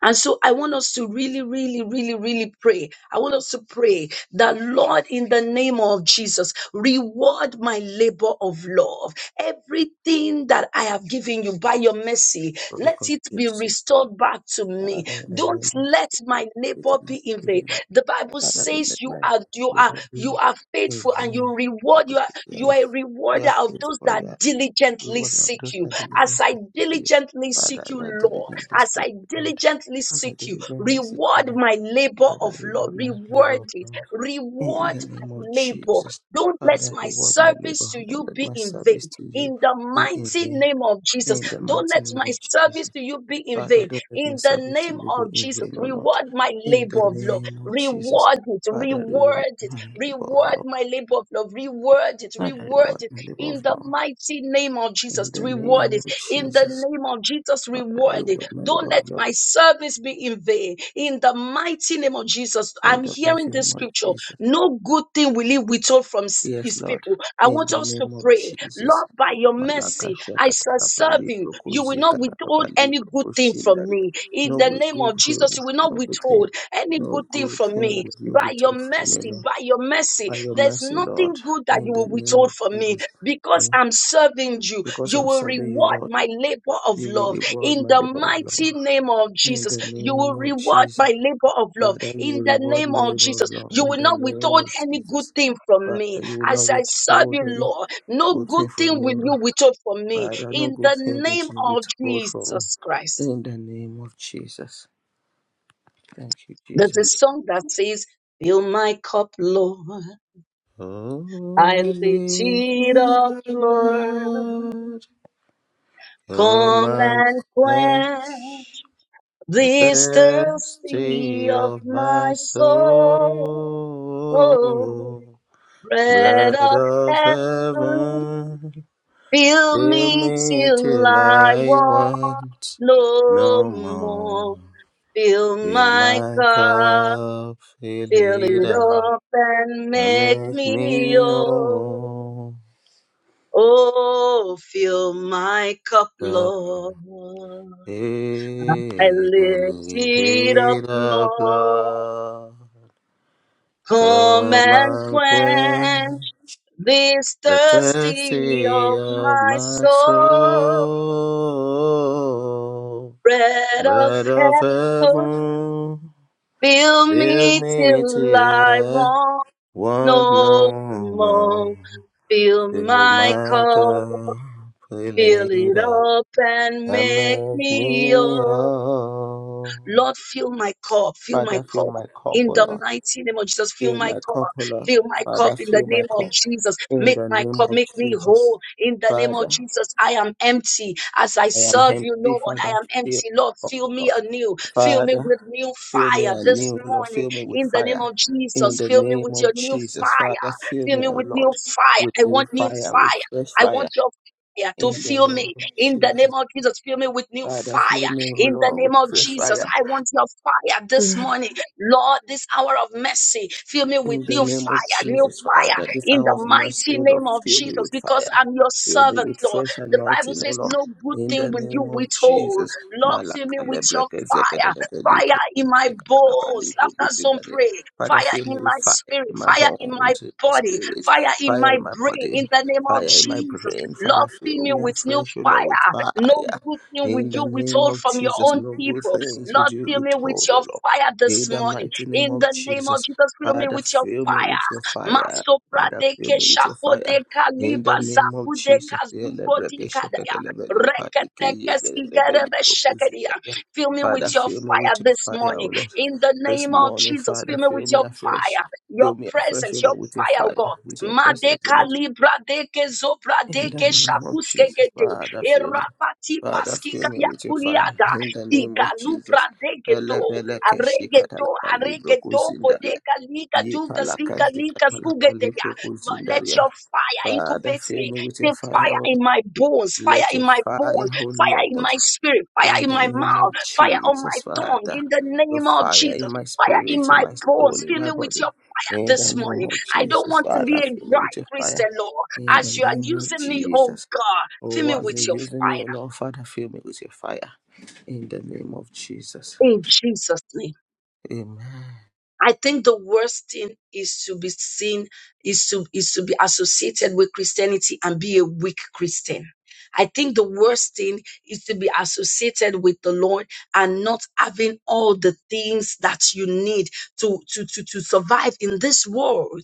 Speaker 1: And so I want us to really, really, really, really pray. I want us to pray that, Lord, in the name of Jesus, reward my labor of love. Everything that I have given you by your mercy,
Speaker 2: Lord, we
Speaker 1: let
Speaker 2: thank
Speaker 1: it
Speaker 2: you,
Speaker 1: be
Speaker 2: say,
Speaker 1: restored back to me.
Speaker 2: Father, in the
Speaker 1: Don't
Speaker 2: name of
Speaker 1: let
Speaker 2: Jesus,
Speaker 1: my labor be in
Speaker 2: in the
Speaker 1: vain.
Speaker 2: name of-
Speaker 1: The Bible
Speaker 2: Father, don't
Speaker 1: says
Speaker 2: let
Speaker 1: you
Speaker 2: my
Speaker 1: are you are
Speaker 2: labor
Speaker 1: you
Speaker 2: be
Speaker 1: are
Speaker 2: in
Speaker 1: faithful and you
Speaker 2: vain.
Speaker 1: reward
Speaker 2: Bible
Speaker 1: you are
Speaker 2: says, "You
Speaker 1: you
Speaker 2: have
Speaker 1: are a
Speaker 2: you
Speaker 1: rewarder
Speaker 2: have
Speaker 1: of
Speaker 2: faith
Speaker 1: those
Speaker 2: for your
Speaker 1: that diligently
Speaker 2: reward of
Speaker 1: seek
Speaker 2: those
Speaker 1: you.
Speaker 2: that
Speaker 1: As I
Speaker 2: diligently seek you."
Speaker 1: diligently
Speaker 2: Father,
Speaker 1: seek you,
Speaker 2: as I
Speaker 1: Lord,
Speaker 2: diligently
Speaker 1: as
Speaker 2: seek
Speaker 1: I
Speaker 2: you, Lord.
Speaker 1: diligently
Speaker 2: As I
Speaker 1: seek you,
Speaker 2: diligently seek you,
Speaker 1: reward
Speaker 2: Lord.
Speaker 1: my labor
Speaker 2: Father,
Speaker 1: of love.
Speaker 2: reward my
Speaker 1: Reward
Speaker 2: labor of
Speaker 1: it.
Speaker 2: love. In
Speaker 1: Reward
Speaker 2: the
Speaker 1: my
Speaker 2: name of
Speaker 1: labor.
Speaker 2: Jesus.
Speaker 1: Don't let
Speaker 2: Father,
Speaker 1: my
Speaker 2: reward my
Speaker 1: service
Speaker 2: labor.
Speaker 1: to
Speaker 2: Don't
Speaker 1: you
Speaker 2: let
Speaker 1: be
Speaker 2: my
Speaker 1: in vain.
Speaker 2: service to you
Speaker 1: In the
Speaker 2: be in
Speaker 1: mighty
Speaker 2: vain.
Speaker 1: name of Jesus,
Speaker 2: In the
Speaker 1: don't
Speaker 2: mighty
Speaker 1: let
Speaker 2: name
Speaker 1: my
Speaker 2: of
Speaker 1: service
Speaker 2: Jesus.
Speaker 1: to you be in
Speaker 2: Father,
Speaker 1: vain.
Speaker 2: don't let my
Speaker 1: In the
Speaker 2: service to
Speaker 1: name
Speaker 2: you be
Speaker 1: of
Speaker 2: in
Speaker 1: Jesus,
Speaker 2: vain, O Lord.
Speaker 1: reward my
Speaker 2: In the
Speaker 1: labor of love.
Speaker 2: name of Jesus.
Speaker 1: Reward it,
Speaker 2: Father, reward
Speaker 1: reward it,
Speaker 2: my labor of
Speaker 1: reward
Speaker 2: love.
Speaker 1: my labor of love. Reward it,
Speaker 2: Father,
Speaker 1: reward
Speaker 2: reward
Speaker 1: it
Speaker 2: my labor of
Speaker 1: in the
Speaker 2: love.
Speaker 1: mighty name of
Speaker 2: In
Speaker 1: Jesus.
Speaker 2: the
Speaker 1: Reward
Speaker 2: name
Speaker 1: it
Speaker 2: of
Speaker 1: in the
Speaker 2: Jesus.
Speaker 1: name of Jesus.
Speaker 2: Father,
Speaker 1: Reward
Speaker 2: reward
Speaker 1: it.
Speaker 2: my
Speaker 1: Don't
Speaker 2: labor
Speaker 1: let
Speaker 2: of love.
Speaker 1: my service be in vain in the mighty name of Jesus.
Speaker 2: In
Speaker 1: I'm
Speaker 2: the
Speaker 1: hearing
Speaker 2: mighty
Speaker 1: this
Speaker 2: name of
Speaker 1: scripture.
Speaker 2: Jesus.
Speaker 1: No good thing will he withhold from s-
Speaker 2: Yes,
Speaker 1: his
Speaker 2: Lord.
Speaker 1: people. I
Speaker 2: In
Speaker 1: want
Speaker 2: the
Speaker 1: us to
Speaker 2: name of
Speaker 1: pray,
Speaker 2: Jesus.
Speaker 1: Lord, by your
Speaker 2: Malaka
Speaker 1: mercy, I shall serve
Speaker 2: shakatalabali
Speaker 1: you. You will
Speaker 2: prokosi
Speaker 1: not withhold
Speaker 2: kadalabali
Speaker 1: any good thing from
Speaker 2: prokoshindaria.
Speaker 1: me in
Speaker 2: No
Speaker 1: the name
Speaker 2: good
Speaker 1: of
Speaker 2: will,
Speaker 1: Jesus. You will not
Speaker 2: no good thing.
Speaker 1: withhold any good
Speaker 2: No
Speaker 1: thing
Speaker 2: good
Speaker 1: from
Speaker 2: thing
Speaker 1: me
Speaker 2: will you
Speaker 1: by your
Speaker 2: withhold from me,
Speaker 1: mercy,
Speaker 2: Lord.
Speaker 1: by your mercy.
Speaker 2: by your
Speaker 1: There's
Speaker 2: mercy,
Speaker 1: nothing
Speaker 2: Lord,
Speaker 1: good that you
Speaker 2: in the
Speaker 1: will
Speaker 2: name
Speaker 1: withhold
Speaker 2: of
Speaker 1: from me
Speaker 2: Jesus.
Speaker 1: because
Speaker 2: And
Speaker 1: I'm serving you,
Speaker 2: because
Speaker 1: you
Speaker 2: I'm
Speaker 1: will
Speaker 2: serving you,
Speaker 1: reward
Speaker 2: Lord,
Speaker 1: my labor of
Speaker 2: you will
Speaker 1: love
Speaker 2: reward
Speaker 1: in
Speaker 2: my
Speaker 1: the
Speaker 2: labor of love.
Speaker 1: mighty name of
Speaker 2: In
Speaker 1: Jesus.
Speaker 2: the
Speaker 1: You will
Speaker 2: name of
Speaker 1: reward
Speaker 2: Jesus.
Speaker 1: my labor of love
Speaker 2: Father, you
Speaker 1: in
Speaker 2: will
Speaker 1: the
Speaker 2: reward
Speaker 1: name
Speaker 2: my
Speaker 1: of
Speaker 2: labor of
Speaker 1: Jesus.
Speaker 2: love.
Speaker 1: You
Speaker 2: In
Speaker 1: will
Speaker 2: the
Speaker 1: not
Speaker 2: name
Speaker 1: withhold
Speaker 2: of
Speaker 1: any good
Speaker 2: Jesus.
Speaker 1: thing from
Speaker 2: Father,
Speaker 1: me.
Speaker 2: you will not
Speaker 1: As I serve you,
Speaker 2: withhold any
Speaker 1: Lord, no
Speaker 2: good
Speaker 1: good
Speaker 2: thing from
Speaker 1: thing
Speaker 2: me,
Speaker 1: will you
Speaker 2: Lord.
Speaker 1: withhold from me
Speaker 2: Father, no
Speaker 1: in the
Speaker 2: good thing
Speaker 1: name
Speaker 2: would you
Speaker 1: of
Speaker 2: withhold from
Speaker 1: Jesus
Speaker 2: me.
Speaker 1: Christ.
Speaker 2: In the name of Jesus. Thank you,
Speaker 1: There's a
Speaker 2: Jesus.
Speaker 1: song that says, Fill my cup, Lord.
Speaker 2: Oh,
Speaker 1: I
Speaker 2: I
Speaker 1: lift
Speaker 2: live
Speaker 1: it
Speaker 2: with
Speaker 1: up,
Speaker 2: thy
Speaker 1: Lord.
Speaker 2: blood. Oh,
Speaker 1: Come
Speaker 2: my
Speaker 1: and quench.
Speaker 2: grace, the
Speaker 1: This thirsty
Speaker 2: thirsty
Speaker 1: of
Speaker 2: of
Speaker 1: my
Speaker 2: my
Speaker 1: soul, oh,
Speaker 2: soul.
Speaker 1: bread
Speaker 2: Blood
Speaker 1: of
Speaker 2: of
Speaker 1: heaven,
Speaker 2: heaven,
Speaker 1: fill
Speaker 2: fill
Speaker 1: me
Speaker 2: me
Speaker 1: till
Speaker 2: till
Speaker 1: I
Speaker 2: I
Speaker 1: want
Speaker 2: want
Speaker 1: no
Speaker 2: no more.
Speaker 1: more. Fill
Speaker 2: Fill
Speaker 1: my
Speaker 2: my
Speaker 1: cup,
Speaker 2: cup, fill
Speaker 1: fill
Speaker 2: it
Speaker 1: it
Speaker 2: up,
Speaker 1: up and
Speaker 2: and
Speaker 1: make
Speaker 2: make
Speaker 1: me
Speaker 2: me
Speaker 1: whole.
Speaker 2: whole.
Speaker 1: Oh, fill my cup,
Speaker 2: The
Speaker 1: Lord. I
Speaker 2: fill,
Speaker 1: lift
Speaker 2: lift
Speaker 1: it up,
Speaker 2: it up,
Speaker 1: Lord.
Speaker 2: Lord.
Speaker 1: Come
Speaker 2: Come
Speaker 1: and
Speaker 2: and quench
Speaker 1: quench this
Speaker 2: the
Speaker 1: thirsty
Speaker 2: thirsty
Speaker 1: of
Speaker 2: of
Speaker 1: my
Speaker 2: my
Speaker 1: soul.
Speaker 2: soul.
Speaker 1: Bread of
Speaker 2: Bread of
Speaker 1: heaven,
Speaker 2: heaven,
Speaker 1: fill
Speaker 2: fill
Speaker 1: me
Speaker 2: me
Speaker 1: till I
Speaker 2: till I
Speaker 1: want
Speaker 2: want
Speaker 1: no
Speaker 2: no more.
Speaker 1: more. Fill
Speaker 2: Fill
Speaker 1: my
Speaker 2: my
Speaker 1: cup,
Speaker 2: cup, fill
Speaker 1: fill
Speaker 2: it
Speaker 1: it
Speaker 2: up,
Speaker 1: up and
Speaker 2: and
Speaker 1: make
Speaker 2: make
Speaker 1: me
Speaker 2: me
Speaker 1: whole.
Speaker 2: whole.
Speaker 1: Lord, fill my cup, fill my
Speaker 2: Father, fill
Speaker 1: cup.
Speaker 2: my cup,
Speaker 1: In
Speaker 2: O
Speaker 1: the
Speaker 2: Lord.
Speaker 1: mighty name of Jesus, fill
Speaker 2: Fill
Speaker 1: my
Speaker 2: my
Speaker 1: cup,
Speaker 2: cup, O Lord.
Speaker 1: fill my cup
Speaker 2: Father,
Speaker 1: in the
Speaker 2: fill my
Speaker 1: name of
Speaker 2: cup.
Speaker 1: Jesus.
Speaker 2: In
Speaker 1: Make
Speaker 2: the
Speaker 1: my
Speaker 2: name
Speaker 1: cup,
Speaker 2: of
Speaker 1: make me
Speaker 2: Jesus,
Speaker 1: whole in the name of
Speaker 2: Father,
Speaker 1: Jesus. I am empty as I
Speaker 2: I am
Speaker 1: serve you,
Speaker 2: empty,
Speaker 1: Lord. I
Speaker 2: Father,
Speaker 1: am
Speaker 2: fill
Speaker 1: empty,
Speaker 2: me
Speaker 1: Lord.
Speaker 2: up, O
Speaker 1: Fill me
Speaker 2: Lord.
Speaker 1: anew, fill me
Speaker 2: Father,
Speaker 1: with new
Speaker 2: fill me
Speaker 1: fire this
Speaker 2: anew, O Lord,
Speaker 1: morning
Speaker 2: fill me with
Speaker 1: in the name
Speaker 2: fire.
Speaker 1: of
Speaker 2: In
Speaker 1: Jesus.
Speaker 2: the
Speaker 1: Fill me
Speaker 2: name
Speaker 1: with your
Speaker 2: of
Speaker 1: new
Speaker 2: Jesus, Father,
Speaker 1: fire,
Speaker 2: fill
Speaker 1: fill
Speaker 2: me,
Speaker 1: me
Speaker 2: O
Speaker 1: with new
Speaker 2: Lord,
Speaker 1: fire.
Speaker 2: with
Speaker 1: I
Speaker 2: new
Speaker 1: want new
Speaker 2: fire, with
Speaker 1: fire,
Speaker 2: fresh
Speaker 1: I want
Speaker 2: fire.
Speaker 1: your fire to
Speaker 2: In the
Speaker 1: fill
Speaker 2: name
Speaker 1: me
Speaker 2: of
Speaker 1: in the
Speaker 2: Jesus,
Speaker 1: name of Jesus. Fill me with new
Speaker 2: Father,
Speaker 1: fire
Speaker 2: fill me, O
Speaker 1: in the
Speaker 2: Lord,
Speaker 1: name
Speaker 2: with
Speaker 1: of
Speaker 2: fresh
Speaker 1: Jesus,
Speaker 2: fire.
Speaker 1: I want your fire this morning. Lord, this hour of mercy, fill me
Speaker 2: In
Speaker 1: with
Speaker 2: the
Speaker 1: new
Speaker 2: name of
Speaker 1: fire, new
Speaker 2: Jesus,
Speaker 1: fire
Speaker 2: Father, this
Speaker 1: in the
Speaker 2: hour of mercy,
Speaker 1: mighty
Speaker 2: O Lord,
Speaker 1: name of
Speaker 2: fill me
Speaker 1: Jesus,
Speaker 2: with
Speaker 1: because
Speaker 2: fire.
Speaker 1: I'm your
Speaker 2: Fill me
Speaker 1: servant,
Speaker 2: with
Speaker 1: Lord.
Speaker 2: fresh
Speaker 1: The Bible
Speaker 2: anointing, O
Speaker 1: says,
Speaker 2: Lord.
Speaker 1: No good
Speaker 2: In the
Speaker 1: thing will you
Speaker 2: name of
Speaker 1: withhold.
Speaker 2: Jesus.
Speaker 1: Lord, fill me
Speaker 2: Malaka
Speaker 1: with your
Speaker 2: lebreke
Speaker 1: fire,
Speaker 2: zekedelebe
Speaker 1: fire
Speaker 2: lipro
Speaker 1: in my
Speaker 2: kushika dalaba
Speaker 1: bones.
Speaker 2: libro
Speaker 1: Laughter zone
Speaker 2: gutindalia.
Speaker 1: pray,
Speaker 2: Father,
Speaker 1: fire
Speaker 2: fill
Speaker 1: in
Speaker 2: me with
Speaker 1: my
Speaker 2: fire
Speaker 1: spirit, fire in my
Speaker 2: into my
Speaker 1: body,
Speaker 2: spirit,
Speaker 1: fire in
Speaker 2: fire
Speaker 1: my
Speaker 2: in my
Speaker 1: brain, in
Speaker 2: body,
Speaker 1: the name of
Speaker 2: fire in my
Speaker 1: Jesus.
Speaker 2: brain. Father,
Speaker 1: Lord, fill
Speaker 2: fill
Speaker 1: me
Speaker 2: me
Speaker 1: with new
Speaker 2: afresh, O
Speaker 1: fire
Speaker 2: Lord, with
Speaker 1: no
Speaker 2: fire.
Speaker 1: good thing will
Speaker 2: In the
Speaker 1: you
Speaker 2: name
Speaker 1: withhold
Speaker 2: of
Speaker 1: from your
Speaker 2: Jesus,
Speaker 1: own
Speaker 2: no good
Speaker 1: people.
Speaker 2: things would
Speaker 1: Lord,
Speaker 2: you
Speaker 1: fill me with
Speaker 2: withhold,
Speaker 1: your
Speaker 2: O Lord.
Speaker 1: fire this
Speaker 2: In the
Speaker 1: morning.
Speaker 2: mighty name
Speaker 1: In
Speaker 2: of
Speaker 1: the name of
Speaker 2: Jesus,
Speaker 1: Jesus, fill me
Speaker 2: Father,
Speaker 1: with your
Speaker 2: fill me
Speaker 1: fire.
Speaker 2: with your fire.
Speaker 1: Masopra
Speaker 2: Father,
Speaker 1: de
Speaker 2: fill
Speaker 1: ke
Speaker 2: me with your
Speaker 1: shako de
Speaker 2: fire. In
Speaker 1: kaliba
Speaker 2: the name
Speaker 1: zaku
Speaker 2: of
Speaker 1: de
Speaker 2: Jesus,
Speaker 1: kazuko di
Speaker 2: Elebreke
Speaker 1: kadaya.
Speaker 2: sheketelebeli, padike
Speaker 1: Reketeke skigere
Speaker 2: yegelebeli,
Speaker 1: be shekedia.
Speaker 2: propozitalia.
Speaker 1: Fill me with
Speaker 2: Father,
Speaker 1: your
Speaker 2: fill me
Speaker 1: fire
Speaker 2: with your
Speaker 1: this
Speaker 2: fire, O
Speaker 1: morning.
Speaker 2: Lord.
Speaker 1: In the
Speaker 2: This
Speaker 1: name of
Speaker 2: morning,
Speaker 1: Jesus, fill
Speaker 2: Father,
Speaker 1: me with
Speaker 2: fill me
Speaker 1: your
Speaker 2: afresh.
Speaker 1: fire, your
Speaker 2: Fill me afresh, O
Speaker 1: presence, your
Speaker 2: Lord, with your
Speaker 1: fire, oh
Speaker 2: fire,
Speaker 1: God.
Speaker 2: with your presence, O
Speaker 1: Madeka
Speaker 2: Lord.
Speaker 1: libra deke zobra
Speaker 2: In the
Speaker 1: deke
Speaker 2: name of
Speaker 1: shakuske
Speaker 2: Jesus,
Speaker 1: gede.
Speaker 2: Father, fill me.
Speaker 1: Erapati
Speaker 2: Father,
Speaker 1: paskika
Speaker 2: fill me with your fire.
Speaker 1: yakuliaga.
Speaker 2: In the name
Speaker 1: Ika
Speaker 2: of
Speaker 1: lupra
Speaker 2: Jesus.
Speaker 1: deke do,
Speaker 2: Elebeleke
Speaker 1: arege do,
Speaker 2: shikatalaba
Speaker 1: arege
Speaker 2: libroku
Speaker 1: do,
Speaker 2: zindaria.
Speaker 1: kodeka lika duga
Speaker 2: Yipalaka
Speaker 1: zika lika
Speaker 2: zikatalaba
Speaker 1: sugete ya.
Speaker 2: libroku
Speaker 1: Let
Speaker 2: zindaria.
Speaker 1: your fire
Speaker 2: Father,
Speaker 1: incubate
Speaker 2: fill
Speaker 1: me.
Speaker 2: me with your
Speaker 1: Say
Speaker 2: fire. O-
Speaker 1: fire
Speaker 2: Lord.
Speaker 1: in my bones, fire
Speaker 2: Let
Speaker 1: in
Speaker 2: your
Speaker 1: my
Speaker 2: fire,
Speaker 1: bones,
Speaker 2: O
Speaker 1: fire in
Speaker 2: Lord,
Speaker 1: my spirit, fire
Speaker 2: in
Speaker 1: in
Speaker 2: the
Speaker 1: my
Speaker 2: name
Speaker 1: mouth,
Speaker 2: of
Speaker 1: fire on my
Speaker 2: Jesus,
Speaker 1: tongue.
Speaker 2: Father,
Speaker 1: In the
Speaker 2: your
Speaker 1: name of
Speaker 2: fire
Speaker 1: Jesus,
Speaker 2: in my
Speaker 1: fire in
Speaker 2: spirit, in
Speaker 1: my
Speaker 2: my soul,
Speaker 1: bones.
Speaker 2: in
Speaker 1: Fill
Speaker 2: my
Speaker 1: me with
Speaker 2: body.
Speaker 1: your fire
Speaker 2: In the
Speaker 1: this
Speaker 2: name
Speaker 1: morning.
Speaker 2: of
Speaker 1: I don't
Speaker 2: Jesus,
Speaker 1: want to be
Speaker 2: Father,
Speaker 1: a
Speaker 2: fill me
Speaker 1: dry
Speaker 2: with your fire.
Speaker 1: Christian, Lord.
Speaker 2: In the
Speaker 1: As you are
Speaker 2: name of
Speaker 1: using me, oh
Speaker 2: Jesus.
Speaker 1: God, fill
Speaker 2: Oh,
Speaker 1: me
Speaker 2: as
Speaker 1: with
Speaker 2: you're
Speaker 1: your
Speaker 2: using me, oh
Speaker 1: fire.
Speaker 2: Lord, Father, fill me with your fire. In the name of Jesus.
Speaker 1: In Jesus' name.
Speaker 2: Amen.
Speaker 1: I think the worst thing is to be seen, is to, is to be associated with Christianity and be a weak Christian. I think the worst thing is to be associated with the Lord and not having all the things that you need to, to, to, to survive in this world.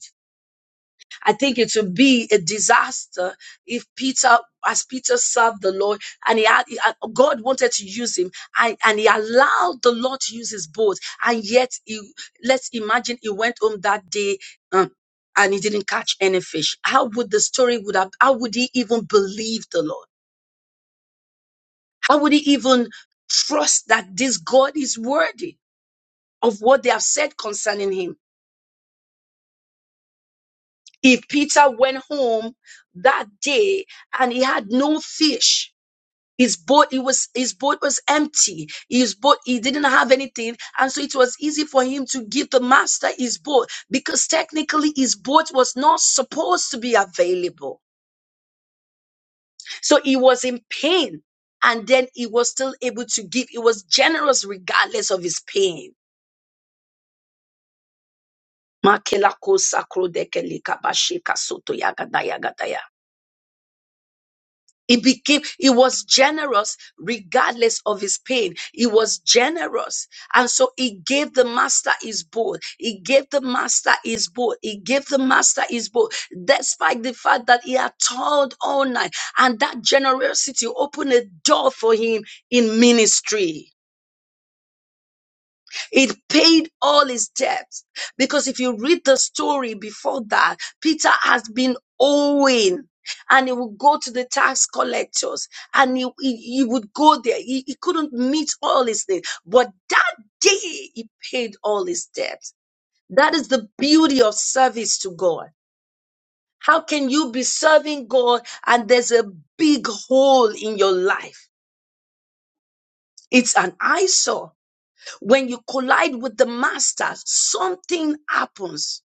Speaker 1: I think it would be a disaster if Peter, as Peter served the Lord, and he had, he had- God wanted to use him, and, and he allowed the Lord to use his boat, and yet he, let's imagine he went home that day. um, and he didn't catch any fish. How would the story would have? How would he even believe the Lord? How would he even trust that this God is worthy of what they have said concerning him? If Peter went home that day and he had no fish, His boat, he was his boat was empty. His boat, he didn't have anything, and so it was easy for him to give the master his boat because technically his boat was not supposed to be available. So he was in pain, and then he was still able to give. He was generous regardless of his pain. Makela kosa krodeke lika bashika soto yaga He became, he was generous regardless of his pain. He was generous. And so he gave the master his boat. He gave the master his boat. He gave the master his boat, despite the fact that he had toiled all night. And that generosity opened a door for him in ministry. It paid all his debts. Because if you read the story before that, Peter has been owing. And he would go to the tax collectors and he, he, he would go there. He, he couldn't meet all his needs. But that day, he paid all his debts. That is the beauty of service to God. How can you be serving God and there's a big hole in your life? It's an eyesore. When you collide with the master, something happens.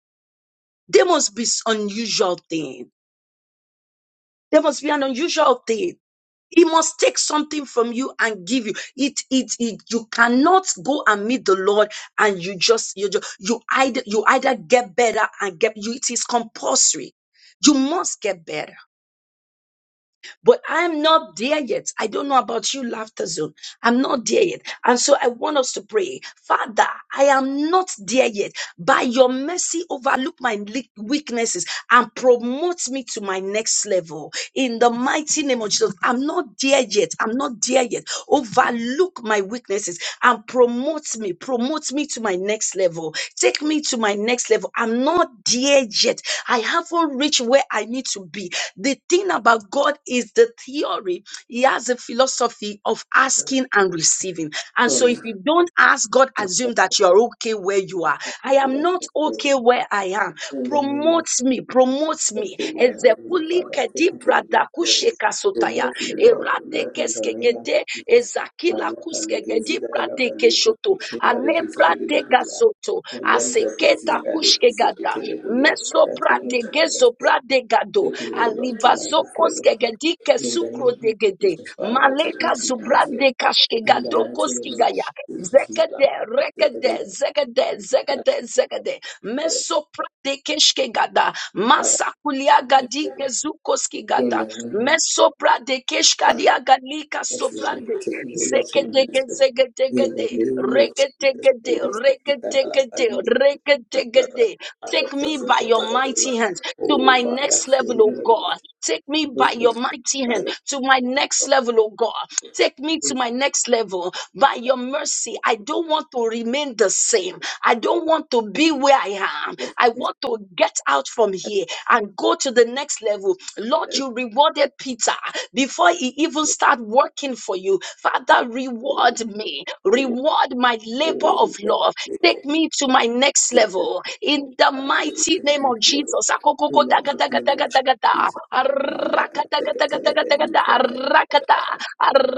Speaker 1: There must be s- unusual thing. There must be an unusual thing. He must take something from you and give you. It, it, it, you cannot go and meet the Lord and you just, you just, you either, you either get better and get, you, it is compulsory. You must get better. But I'm not there yet. I don't know about you, Laughter Zone. I'm not there yet. And so I want us to pray, Father, I am not there yet. By your mercy, overlook my le- weaknesses and promote me to my next level. In the mighty name of Jesus, I'm not there yet. I'm not there yet. Overlook my weaknesses and promote me. Promote me to my next level. Take me to my next level. I'm not there yet. I haven't reached where I need to be. The thing about God is is the theory. He has a philosophy of asking and receiving. And
Speaker 2: Father,
Speaker 1: so if
Speaker 2: thank
Speaker 1: you don't ask, God
Speaker 2: you for
Speaker 1: assume that you are okay where you are. I am
Speaker 2: that
Speaker 1: not
Speaker 2: message.
Speaker 1: okay where I am.
Speaker 2: In the name of
Speaker 1: Promote me, promote me.
Speaker 2: Jesus, say where I am, you know,
Speaker 1: Ezekuli
Speaker 2: Father, I
Speaker 1: kedi
Speaker 2: take me to the next
Speaker 1: brada
Speaker 2: level.
Speaker 1: kusheka sotaya.
Speaker 2: Promote me, Lord, O
Speaker 1: Erate
Speaker 2: Lord, in the name of
Speaker 1: keskegede,
Speaker 2: Jesus. My
Speaker 1: ezakila
Speaker 2: work and legacy
Speaker 1: kuskegedi
Speaker 2: that I love
Speaker 1: brade
Speaker 2: and live,
Speaker 1: keshoto.
Speaker 2: promotion that I
Speaker 1: Ale
Speaker 2: give to the legezi gada laba leko kushinda legezi gede
Speaker 1: brade
Speaker 2: leburia.
Speaker 1: gasoto.
Speaker 2: Lemba gezi
Speaker 1: Aseketa
Speaker 2: the kiseke
Speaker 1: kushkegada.
Speaker 2: teleburia.
Speaker 1: Meso
Speaker 2: Father, take me
Speaker 1: brade
Speaker 2: to my next
Speaker 1: gezo
Speaker 2: level.
Speaker 1: brade gado.
Speaker 2: Take me, O Lord, to my next
Speaker 1: Alibazokos
Speaker 2: level.
Speaker 1: kegedike
Speaker 2: In the
Speaker 1: sukro
Speaker 2: name of
Speaker 1: degede.
Speaker 2: Jesus, Father, take me
Speaker 1: Maleka
Speaker 2: to my next level.
Speaker 1: zubrande
Speaker 2: In the mighty
Speaker 1: kashkegadokos
Speaker 2: name of
Speaker 1: kigaya.
Speaker 2: Jesus, my life.
Speaker 1: Zekede,
Speaker 2: I take it to
Speaker 1: rekede,
Speaker 2: the next level.
Speaker 1: zegede,
Speaker 2: Yeah,
Speaker 1: zegede, zegede.
Speaker 2: yeah, yeah.
Speaker 1: Mesopra de
Speaker 2: Father,
Speaker 1: Masakulia
Speaker 2: next
Speaker 1: gadike
Speaker 2: level.
Speaker 1: zukos
Speaker 2: in the
Speaker 1: kigada.
Speaker 2: name
Speaker 1: Mesopra de
Speaker 2: of Father,
Speaker 1: galika
Speaker 2: next level.
Speaker 1: sobrande.
Speaker 2: Take me, O Lord, to my
Speaker 1: Zekedege,
Speaker 2: next level. In the
Speaker 1: zegedegede.
Speaker 2: name of Jesus,
Speaker 1: Reketegede,
Speaker 2: let's take it to the next
Speaker 1: reketegede,
Speaker 2: level. that I have value, that I have value,
Speaker 1: reketegede.
Speaker 2: and I
Speaker 1: Take
Speaker 2: can
Speaker 1: me
Speaker 2: to
Speaker 1: by your
Speaker 2: the
Speaker 1: mighty
Speaker 2: next
Speaker 1: hand
Speaker 2: level.
Speaker 1: to
Speaker 2: Oh,
Speaker 1: my
Speaker 2: Father,
Speaker 1: next
Speaker 2: fill
Speaker 1: level, oh
Speaker 2: me, O Lord.
Speaker 1: God. Take me by
Speaker 2: Move me
Speaker 1: your mighty
Speaker 2: by
Speaker 1: hand
Speaker 2: your
Speaker 1: to my next level, oh God. Take me
Speaker 2: power.
Speaker 1: to my next level by your mercy. I don't want to remain the same. I don't want to be where I am.
Speaker 2: Let
Speaker 1: I
Speaker 2: me
Speaker 1: want to get out from here and go to the next level. Lord,
Speaker 2: stand
Speaker 1: you rewarded Peter before he even started working for you. Father, reward me. Reward my labor of love.
Speaker 2: boldly.
Speaker 1: Take me to my next level in the
Speaker 2: Father, take it
Speaker 1: mighty
Speaker 2: to
Speaker 1: name
Speaker 2: my
Speaker 1: of
Speaker 2: next level.
Speaker 1: Jesus. Akokoko
Speaker 2: In the
Speaker 1: daga
Speaker 2: mighty
Speaker 1: daga
Speaker 2: name
Speaker 1: daga
Speaker 2: of
Speaker 1: daga da.
Speaker 2: Jesus. My yaka,
Speaker 1: Araka daga
Speaker 2: take it to
Speaker 1: daga
Speaker 2: the
Speaker 1: daga daga da.
Speaker 2: very
Speaker 1: Araka da.
Speaker 2: cross.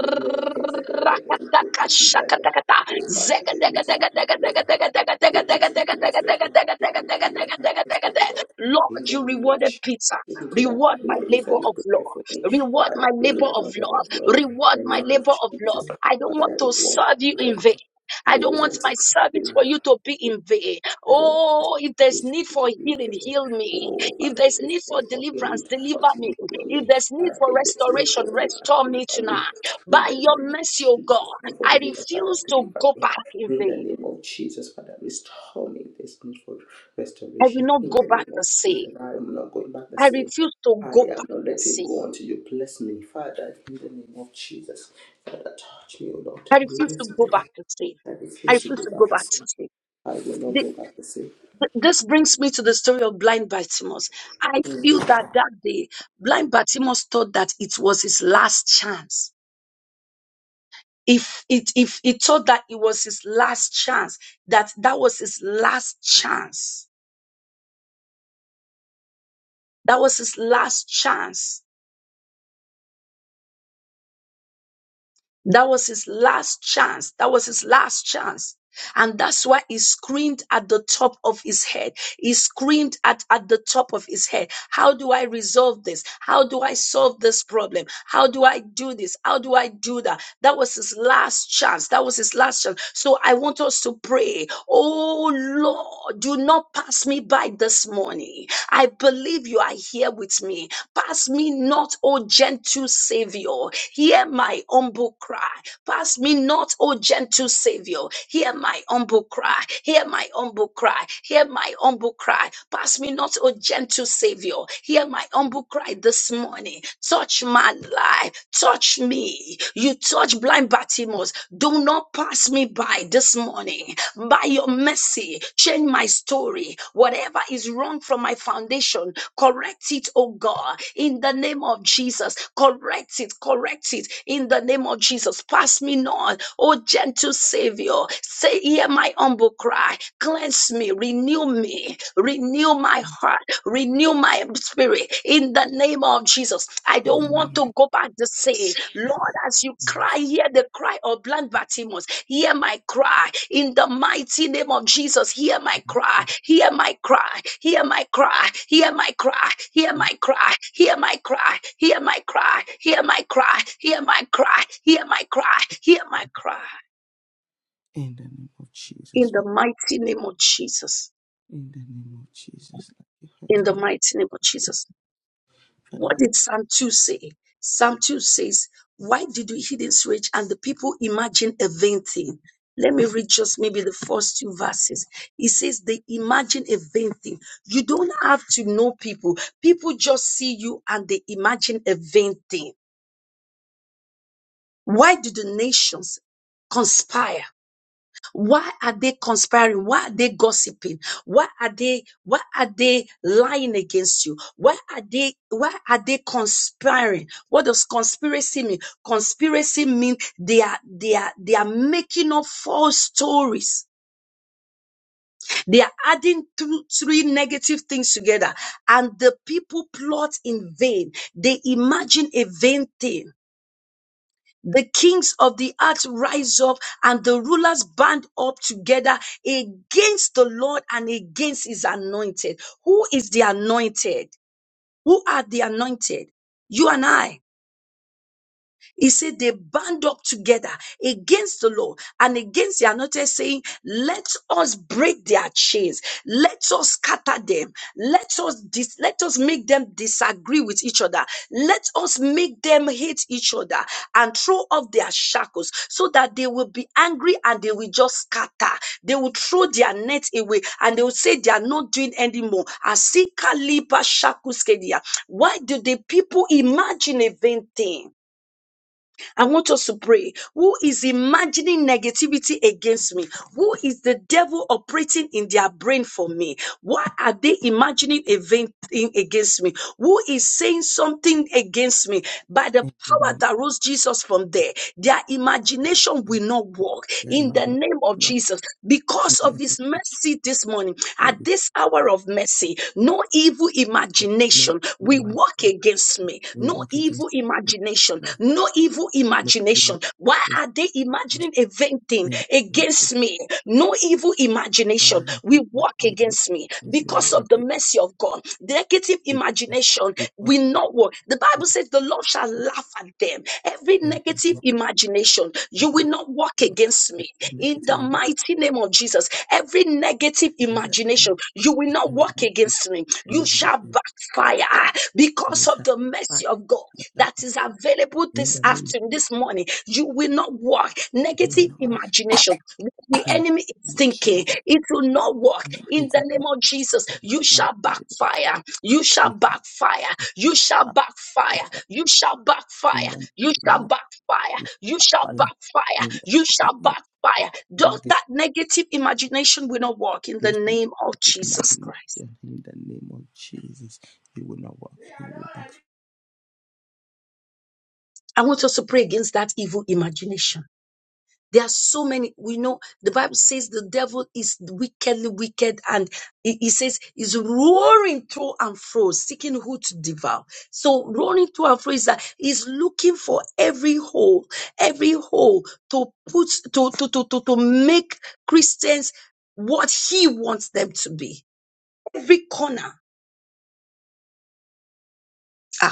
Speaker 2: Your level case, I get it like a good good
Speaker 1: daga
Speaker 2: in
Speaker 1: shaka
Speaker 2: Sudaria.
Speaker 1: daga da.
Speaker 2: Oh, Father,
Speaker 1: Zega
Speaker 2: take me
Speaker 1: daga
Speaker 2: to my
Speaker 1: daga daga
Speaker 2: next
Speaker 1: daga
Speaker 2: level.
Speaker 1: daga daga daga
Speaker 2: Take me to
Speaker 1: daga
Speaker 2: the
Speaker 1: daga daga
Speaker 2: next
Speaker 1: daga daga
Speaker 2: level.
Speaker 1: daga
Speaker 2: Take
Speaker 1: daga
Speaker 2: me to your
Speaker 1: daga daga
Speaker 2: next
Speaker 1: daga da.
Speaker 2: level, Lord. In
Speaker 1: Lord,
Speaker 2: the
Speaker 1: you
Speaker 2: name of
Speaker 1: rewarded
Speaker 2: Jesus.
Speaker 1: Peter.
Speaker 2: Take me to that
Speaker 1: Reward my
Speaker 2: place that
Speaker 1: labor
Speaker 2: you
Speaker 1: of
Speaker 2: prepare
Speaker 1: love.
Speaker 2: for me.
Speaker 1: Reward
Speaker 2: Father,
Speaker 1: my
Speaker 2: the
Speaker 1: labor of
Speaker 2: water
Speaker 1: love.
Speaker 2: of love.
Speaker 1: Reward
Speaker 2: In the
Speaker 1: my
Speaker 2: name of
Speaker 1: labor of love.
Speaker 2: Jesus.
Speaker 1: I don't want
Speaker 2: Father, the
Speaker 1: to serve you
Speaker 2: water
Speaker 1: in
Speaker 2: of
Speaker 1: vain.
Speaker 2: love. I
Speaker 1: I
Speaker 2: will
Speaker 1: don't want
Speaker 2: want to
Speaker 1: my
Speaker 2: serve
Speaker 1: service
Speaker 2: you.
Speaker 1: for you to be in vain.
Speaker 2: I repent
Speaker 1: Oh, if there's
Speaker 2: this
Speaker 1: need
Speaker 2: time
Speaker 1: for
Speaker 2: to be
Speaker 1: healing,
Speaker 2: filled.
Speaker 1: heal me.
Speaker 2: Oh,
Speaker 1: If
Speaker 2: Father,
Speaker 1: there's
Speaker 2: I
Speaker 1: need
Speaker 2: pray
Speaker 1: for
Speaker 2: for healing,
Speaker 1: deliverance, deliver
Speaker 2: touch me,
Speaker 1: me.
Speaker 2: heal
Speaker 1: If
Speaker 2: me.
Speaker 1: there's need
Speaker 2: Father, I
Speaker 1: for
Speaker 2: pray
Speaker 1: restoration,
Speaker 2: for deliverance,
Speaker 1: restore me
Speaker 2: deliver
Speaker 1: tonight.
Speaker 2: me. In
Speaker 1: By
Speaker 2: the
Speaker 1: your
Speaker 2: name of
Speaker 1: mercy, O God,
Speaker 2: Jesus, pray for
Speaker 1: I
Speaker 2: deliverance, Father,
Speaker 1: refuse to
Speaker 2: deliver
Speaker 1: go
Speaker 2: me.
Speaker 1: back in
Speaker 2: In the
Speaker 1: vain.
Speaker 2: name of Jesus, Father, restore me this need for
Speaker 1: I will
Speaker 2: restoration.
Speaker 1: not
Speaker 2: In
Speaker 1: go
Speaker 2: the
Speaker 1: back
Speaker 2: name
Speaker 1: the
Speaker 2: of Jesus,
Speaker 1: same.
Speaker 2: I am not going back the
Speaker 1: I
Speaker 2: same.
Speaker 1: refuse to
Speaker 2: I
Speaker 1: go back
Speaker 2: am not
Speaker 1: the
Speaker 2: letting
Speaker 1: same.
Speaker 2: go until you bless me, Father, in the name of Jesus. Father, touch me, O Lord.
Speaker 1: I refuse to
Speaker 2: Bless
Speaker 1: go back
Speaker 2: me.
Speaker 1: the same.
Speaker 2: I
Speaker 1: I
Speaker 2: refuse to
Speaker 1: refuse
Speaker 2: go
Speaker 1: to go
Speaker 2: back the
Speaker 1: back
Speaker 2: same.
Speaker 1: to sleep.
Speaker 2: I will not
Speaker 1: Th-
Speaker 2: go back the same.
Speaker 1: th- This brings me to the story of blind Bartimaeus. I
Speaker 2: In
Speaker 1: feel
Speaker 2: the
Speaker 1: that that day, blind Bartimaeus thought that it was his last chance if it if he thought that it was his last chance that that was his last chance that was his last chance That was his last chance. That was his last chance. And that's why he screamed at the top of his head. He screamed at, at the top of his head. How do I resolve this? How do I solve this problem? How do I do this? How do I do that? That was his last chance. That was his last chance. So I want us to pray. Oh Lord, do not pass me by this morning. I believe you are here with me. Pass me me not, O gentle Savior. Hear my humble cry. Pass me not, O gentle Savior. Hear my humble cry. Hear my humble cry. Hear my humble cry. Pass me not, O gentle Savior. Hear my humble cry this morning. Touch my life. Touch me. You touch blind Bartimaeus. Do not pass me by this morning. By your mercy, change my story. Whatever is wrong from my foundation, correct it, oh God, in the name of Jesus. Correct it, correct it, in the name of Jesus. Pass me not, oh gentle Savior. Say, hear my humble cry. Cleanse me, renew me, renew my heart, renew my spirit, in the name of Jesus. I don't want to go back the same. Lord, as you cry, hear the cry of blind Bartimaeus. Hear my cry in the mighty name of Jesus. Hear my cry. Hear my cry. Hear my cry. Hear my cry. Hear my cry. Hear my cry. Hear my cry. Hear my cry. Hear my cry. Hear my cry. Hear my cry.
Speaker 2: name of
Speaker 1: In
Speaker 2: Jesus,
Speaker 1: the
Speaker 2: Christ,
Speaker 1: mighty name of Jesus. In the mighty name of Jesus. What did Psalm 2 say? Psalm 2 says, Why did the heathens rage and the people imagine a vain thing? Let me read just maybe the first two verses. It says, They imagine a vain thing. You don't have to know people, people just see you and they imagine a vain thing. Why do the nations conspire? Why are they conspiring? Why are they gossiping? Why are they why are they lying against you? Why are they why are they conspiring? What does conspiracy mean? Conspiracy means they are they are they are making up false stories. They are adding two, three negative things together, and the people plot in vain. They imagine a vain thing the kings of the earth rise up and the rulers band up together against the Lord and against his anointed. Who is the anointed? Who are the anointed? You and I. He said they band up together against the law and against the anointed, saying, Let us break their chains, let us scatter them, let us dis- let us make them disagree with each other, let us make them hate each other and throw off their shackles so that they will be angry and they will just scatter. They will throw their net away and they will say they are not doing anymore. Asika lipa shakuskedia. Why do the people imagine a vain thing? I want us to pray. Who is imagining negativity against me? Who is the devil operating in their brain for me? Why are they imagining a vain thing against me? Who is saying something against me? By the
Speaker 2: in the
Speaker 1: power
Speaker 2: name
Speaker 1: that rose Jesus from there, their imagination will not
Speaker 2: of
Speaker 1: work
Speaker 2: yeah, in
Speaker 1: in
Speaker 2: my
Speaker 1: the
Speaker 2: group,
Speaker 1: name of
Speaker 2: no
Speaker 1: Jesus. Because of his mercy this morning,
Speaker 2: evil,
Speaker 1: at this hour of mercy, no evil
Speaker 2: no evil
Speaker 1: imagination will work against me.
Speaker 2: will
Speaker 1: No
Speaker 2: against
Speaker 1: evil
Speaker 2: me,
Speaker 1: imagination.
Speaker 2: no
Speaker 1: No evil
Speaker 2: no
Speaker 1: imagination.
Speaker 2: evil
Speaker 1: Why
Speaker 2: against
Speaker 1: are they imagining a vain thing
Speaker 2: me, no
Speaker 1: against me? No evil
Speaker 2: why
Speaker 1: imagination
Speaker 2: have it,
Speaker 1: will
Speaker 2: my
Speaker 1: work
Speaker 2: evil
Speaker 1: against me
Speaker 2: against me, no evil
Speaker 1: because of
Speaker 2: against
Speaker 1: the
Speaker 2: me,
Speaker 1: mercy of God. Negative imagination
Speaker 2: because of
Speaker 1: will
Speaker 2: the
Speaker 1: not work. The Bible
Speaker 2: Jesus
Speaker 1: says the Lord shall
Speaker 2: who
Speaker 1: laugh at them. Every
Speaker 2: is my
Speaker 1: negative
Speaker 2: Lord,
Speaker 1: imagination,
Speaker 2: that
Speaker 1: you will
Speaker 2: laugh,
Speaker 1: not work
Speaker 2: oh Lord,
Speaker 1: against me
Speaker 2: every
Speaker 1: in
Speaker 2: negative
Speaker 1: the
Speaker 2: imagination
Speaker 1: mighty name of Jesus. Every negative
Speaker 2: that
Speaker 1: imagination,
Speaker 2: more
Speaker 1: you will
Speaker 2: is
Speaker 1: not
Speaker 2: every
Speaker 1: walk
Speaker 2: negative
Speaker 1: against me. You shall
Speaker 2: imagination
Speaker 1: backfire ah,
Speaker 2: you
Speaker 1: because of
Speaker 2: shall
Speaker 1: the
Speaker 2: fight,
Speaker 1: mercy of God
Speaker 2: you shall
Speaker 1: that
Speaker 2: fight.
Speaker 1: is available
Speaker 2: in
Speaker 1: this
Speaker 2: the name of
Speaker 1: afternoon, this morning. You will not walk. Negative
Speaker 2: Jesus,
Speaker 1: imagination, what the
Speaker 2: in the
Speaker 1: enemy is
Speaker 2: name of Jesus.
Speaker 1: thinking, it will not work. In the
Speaker 2: into the
Speaker 1: name of Jesus, you
Speaker 2: my
Speaker 1: shall
Speaker 2: kingdom of
Speaker 1: backfire. You shall
Speaker 2: Jesus,
Speaker 1: backfire. You shall
Speaker 2: my
Speaker 1: backfire.
Speaker 2: Father,
Speaker 1: You shall backfire.
Speaker 2: in the
Speaker 1: You
Speaker 2: kingdom
Speaker 1: shall
Speaker 2: of
Speaker 1: backfire.
Speaker 2: Jesus,
Speaker 1: You
Speaker 2: my
Speaker 1: shall
Speaker 2: Father,
Speaker 1: backfire.
Speaker 2: in the
Speaker 1: You shall
Speaker 2: kingdom of
Speaker 1: backfire.
Speaker 2: Jesus, you
Speaker 1: Does
Speaker 2: negative
Speaker 1: that negative imagination will not work in the
Speaker 2: those
Speaker 1: name of
Speaker 2: negative
Speaker 1: Jesus
Speaker 2: imagination
Speaker 1: Christ.
Speaker 2: in the name of Jesus. You will not walk in the
Speaker 1: I want us to pray against that evil imagination. There are so many. We know the Bible says the devil is wickedly wicked, and he he says is roaring through and fro, seeking who to devour. So roaring through and fro is that he's looking for every hole, every hole to put to to to to, to make Christians what he wants them to be. Every corner. Ah,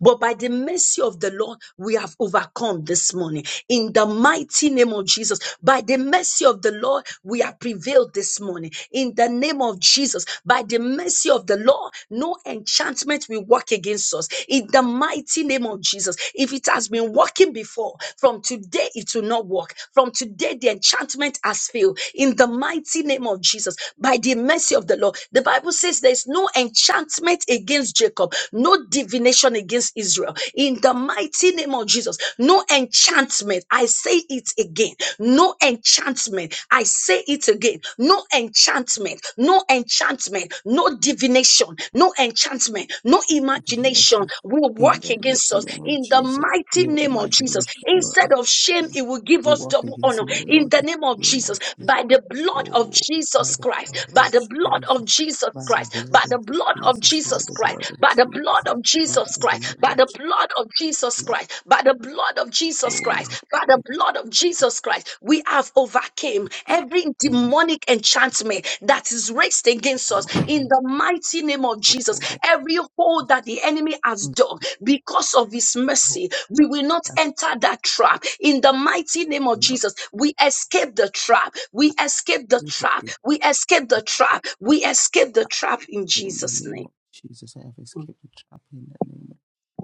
Speaker 1: But by the mercy of the Lord, we have overcome this morning. In the mighty name of Jesus, by the mercy of the Lord, we have prevailed this morning. In the name of Jesus, by the mercy of the Lord, no enchantment will work against us. In the mighty name of Jesus, if it has been working before, from today it will not work. From today, the enchantment has failed. In the mighty name of Jesus, by the mercy of the Lord, the Bible says there is no enchantment enchantment against Jacob, no divination against Israel. In the mighty name of Jesus, no enchantment. I say it again. No enchantment. I say it again. No enchantment. No enchantment. No divination. No enchantment. No
Speaker 2: negative
Speaker 1: imagination
Speaker 2: imagination
Speaker 1: will
Speaker 2: in
Speaker 1: work
Speaker 2: the
Speaker 1: against
Speaker 2: mighty
Speaker 1: us.
Speaker 2: name of
Speaker 1: In the
Speaker 2: Jesus.
Speaker 1: mighty
Speaker 2: No
Speaker 1: name of Jesus,
Speaker 2: imagination, no
Speaker 1: instead of shame, it
Speaker 2: imagination.
Speaker 1: will give
Speaker 2: We
Speaker 1: us
Speaker 2: walk
Speaker 1: double
Speaker 2: against
Speaker 1: honor.
Speaker 2: you,
Speaker 1: In
Speaker 2: Lord,
Speaker 1: the
Speaker 2: in
Speaker 1: name of
Speaker 2: the name of
Speaker 1: Jesus,
Speaker 2: Jesus.
Speaker 1: by the blood of
Speaker 2: Oh, by
Speaker 1: Jesus
Speaker 2: the blood of
Speaker 1: Christ, by by the
Speaker 2: Jesus,
Speaker 1: blood of Jesus
Speaker 2: by the
Speaker 1: Christ,
Speaker 2: blood
Speaker 1: by the blood
Speaker 2: of
Speaker 1: of
Speaker 2: Jesus, by
Speaker 1: Jesus
Speaker 2: the blood
Speaker 1: Christ,
Speaker 2: of
Speaker 1: by the blood
Speaker 2: Jesus,
Speaker 1: of
Speaker 2: by
Speaker 1: Jesus
Speaker 2: the
Speaker 1: Christ,
Speaker 2: blood
Speaker 1: by
Speaker 2: of
Speaker 1: the
Speaker 2: Jesus.
Speaker 1: blood of Jesus
Speaker 2: Lord,
Speaker 1: Christ, by the blood of Jesus Christ, by
Speaker 2: Oh,
Speaker 1: the
Speaker 2: it's
Speaker 1: blood of Jesus Christ, we have overcame every
Speaker 2: I have to
Speaker 1: demonic enchantment that is raised against
Speaker 2: be
Speaker 1: us in
Speaker 2: monitored.
Speaker 1: the mighty name of
Speaker 2: Oh,
Speaker 1: Jesus.
Speaker 2: oh, they are
Speaker 1: Every hole
Speaker 2: just
Speaker 1: that the enemy has dug because of his
Speaker 2: hope
Speaker 1: mercy, we
Speaker 2: that
Speaker 1: will not
Speaker 2: that
Speaker 1: enter that trap in the mighty name of
Speaker 2: will not
Speaker 1: Jesus. We escape the trap we escape the
Speaker 2: take
Speaker 1: trap.
Speaker 2: it.
Speaker 1: We escape
Speaker 2: I
Speaker 1: the trap. We escape the trap in
Speaker 2: pray In the
Speaker 1: Jesus'
Speaker 2: name
Speaker 1: name.
Speaker 2: of Jesus, I have escaped the trap in the name of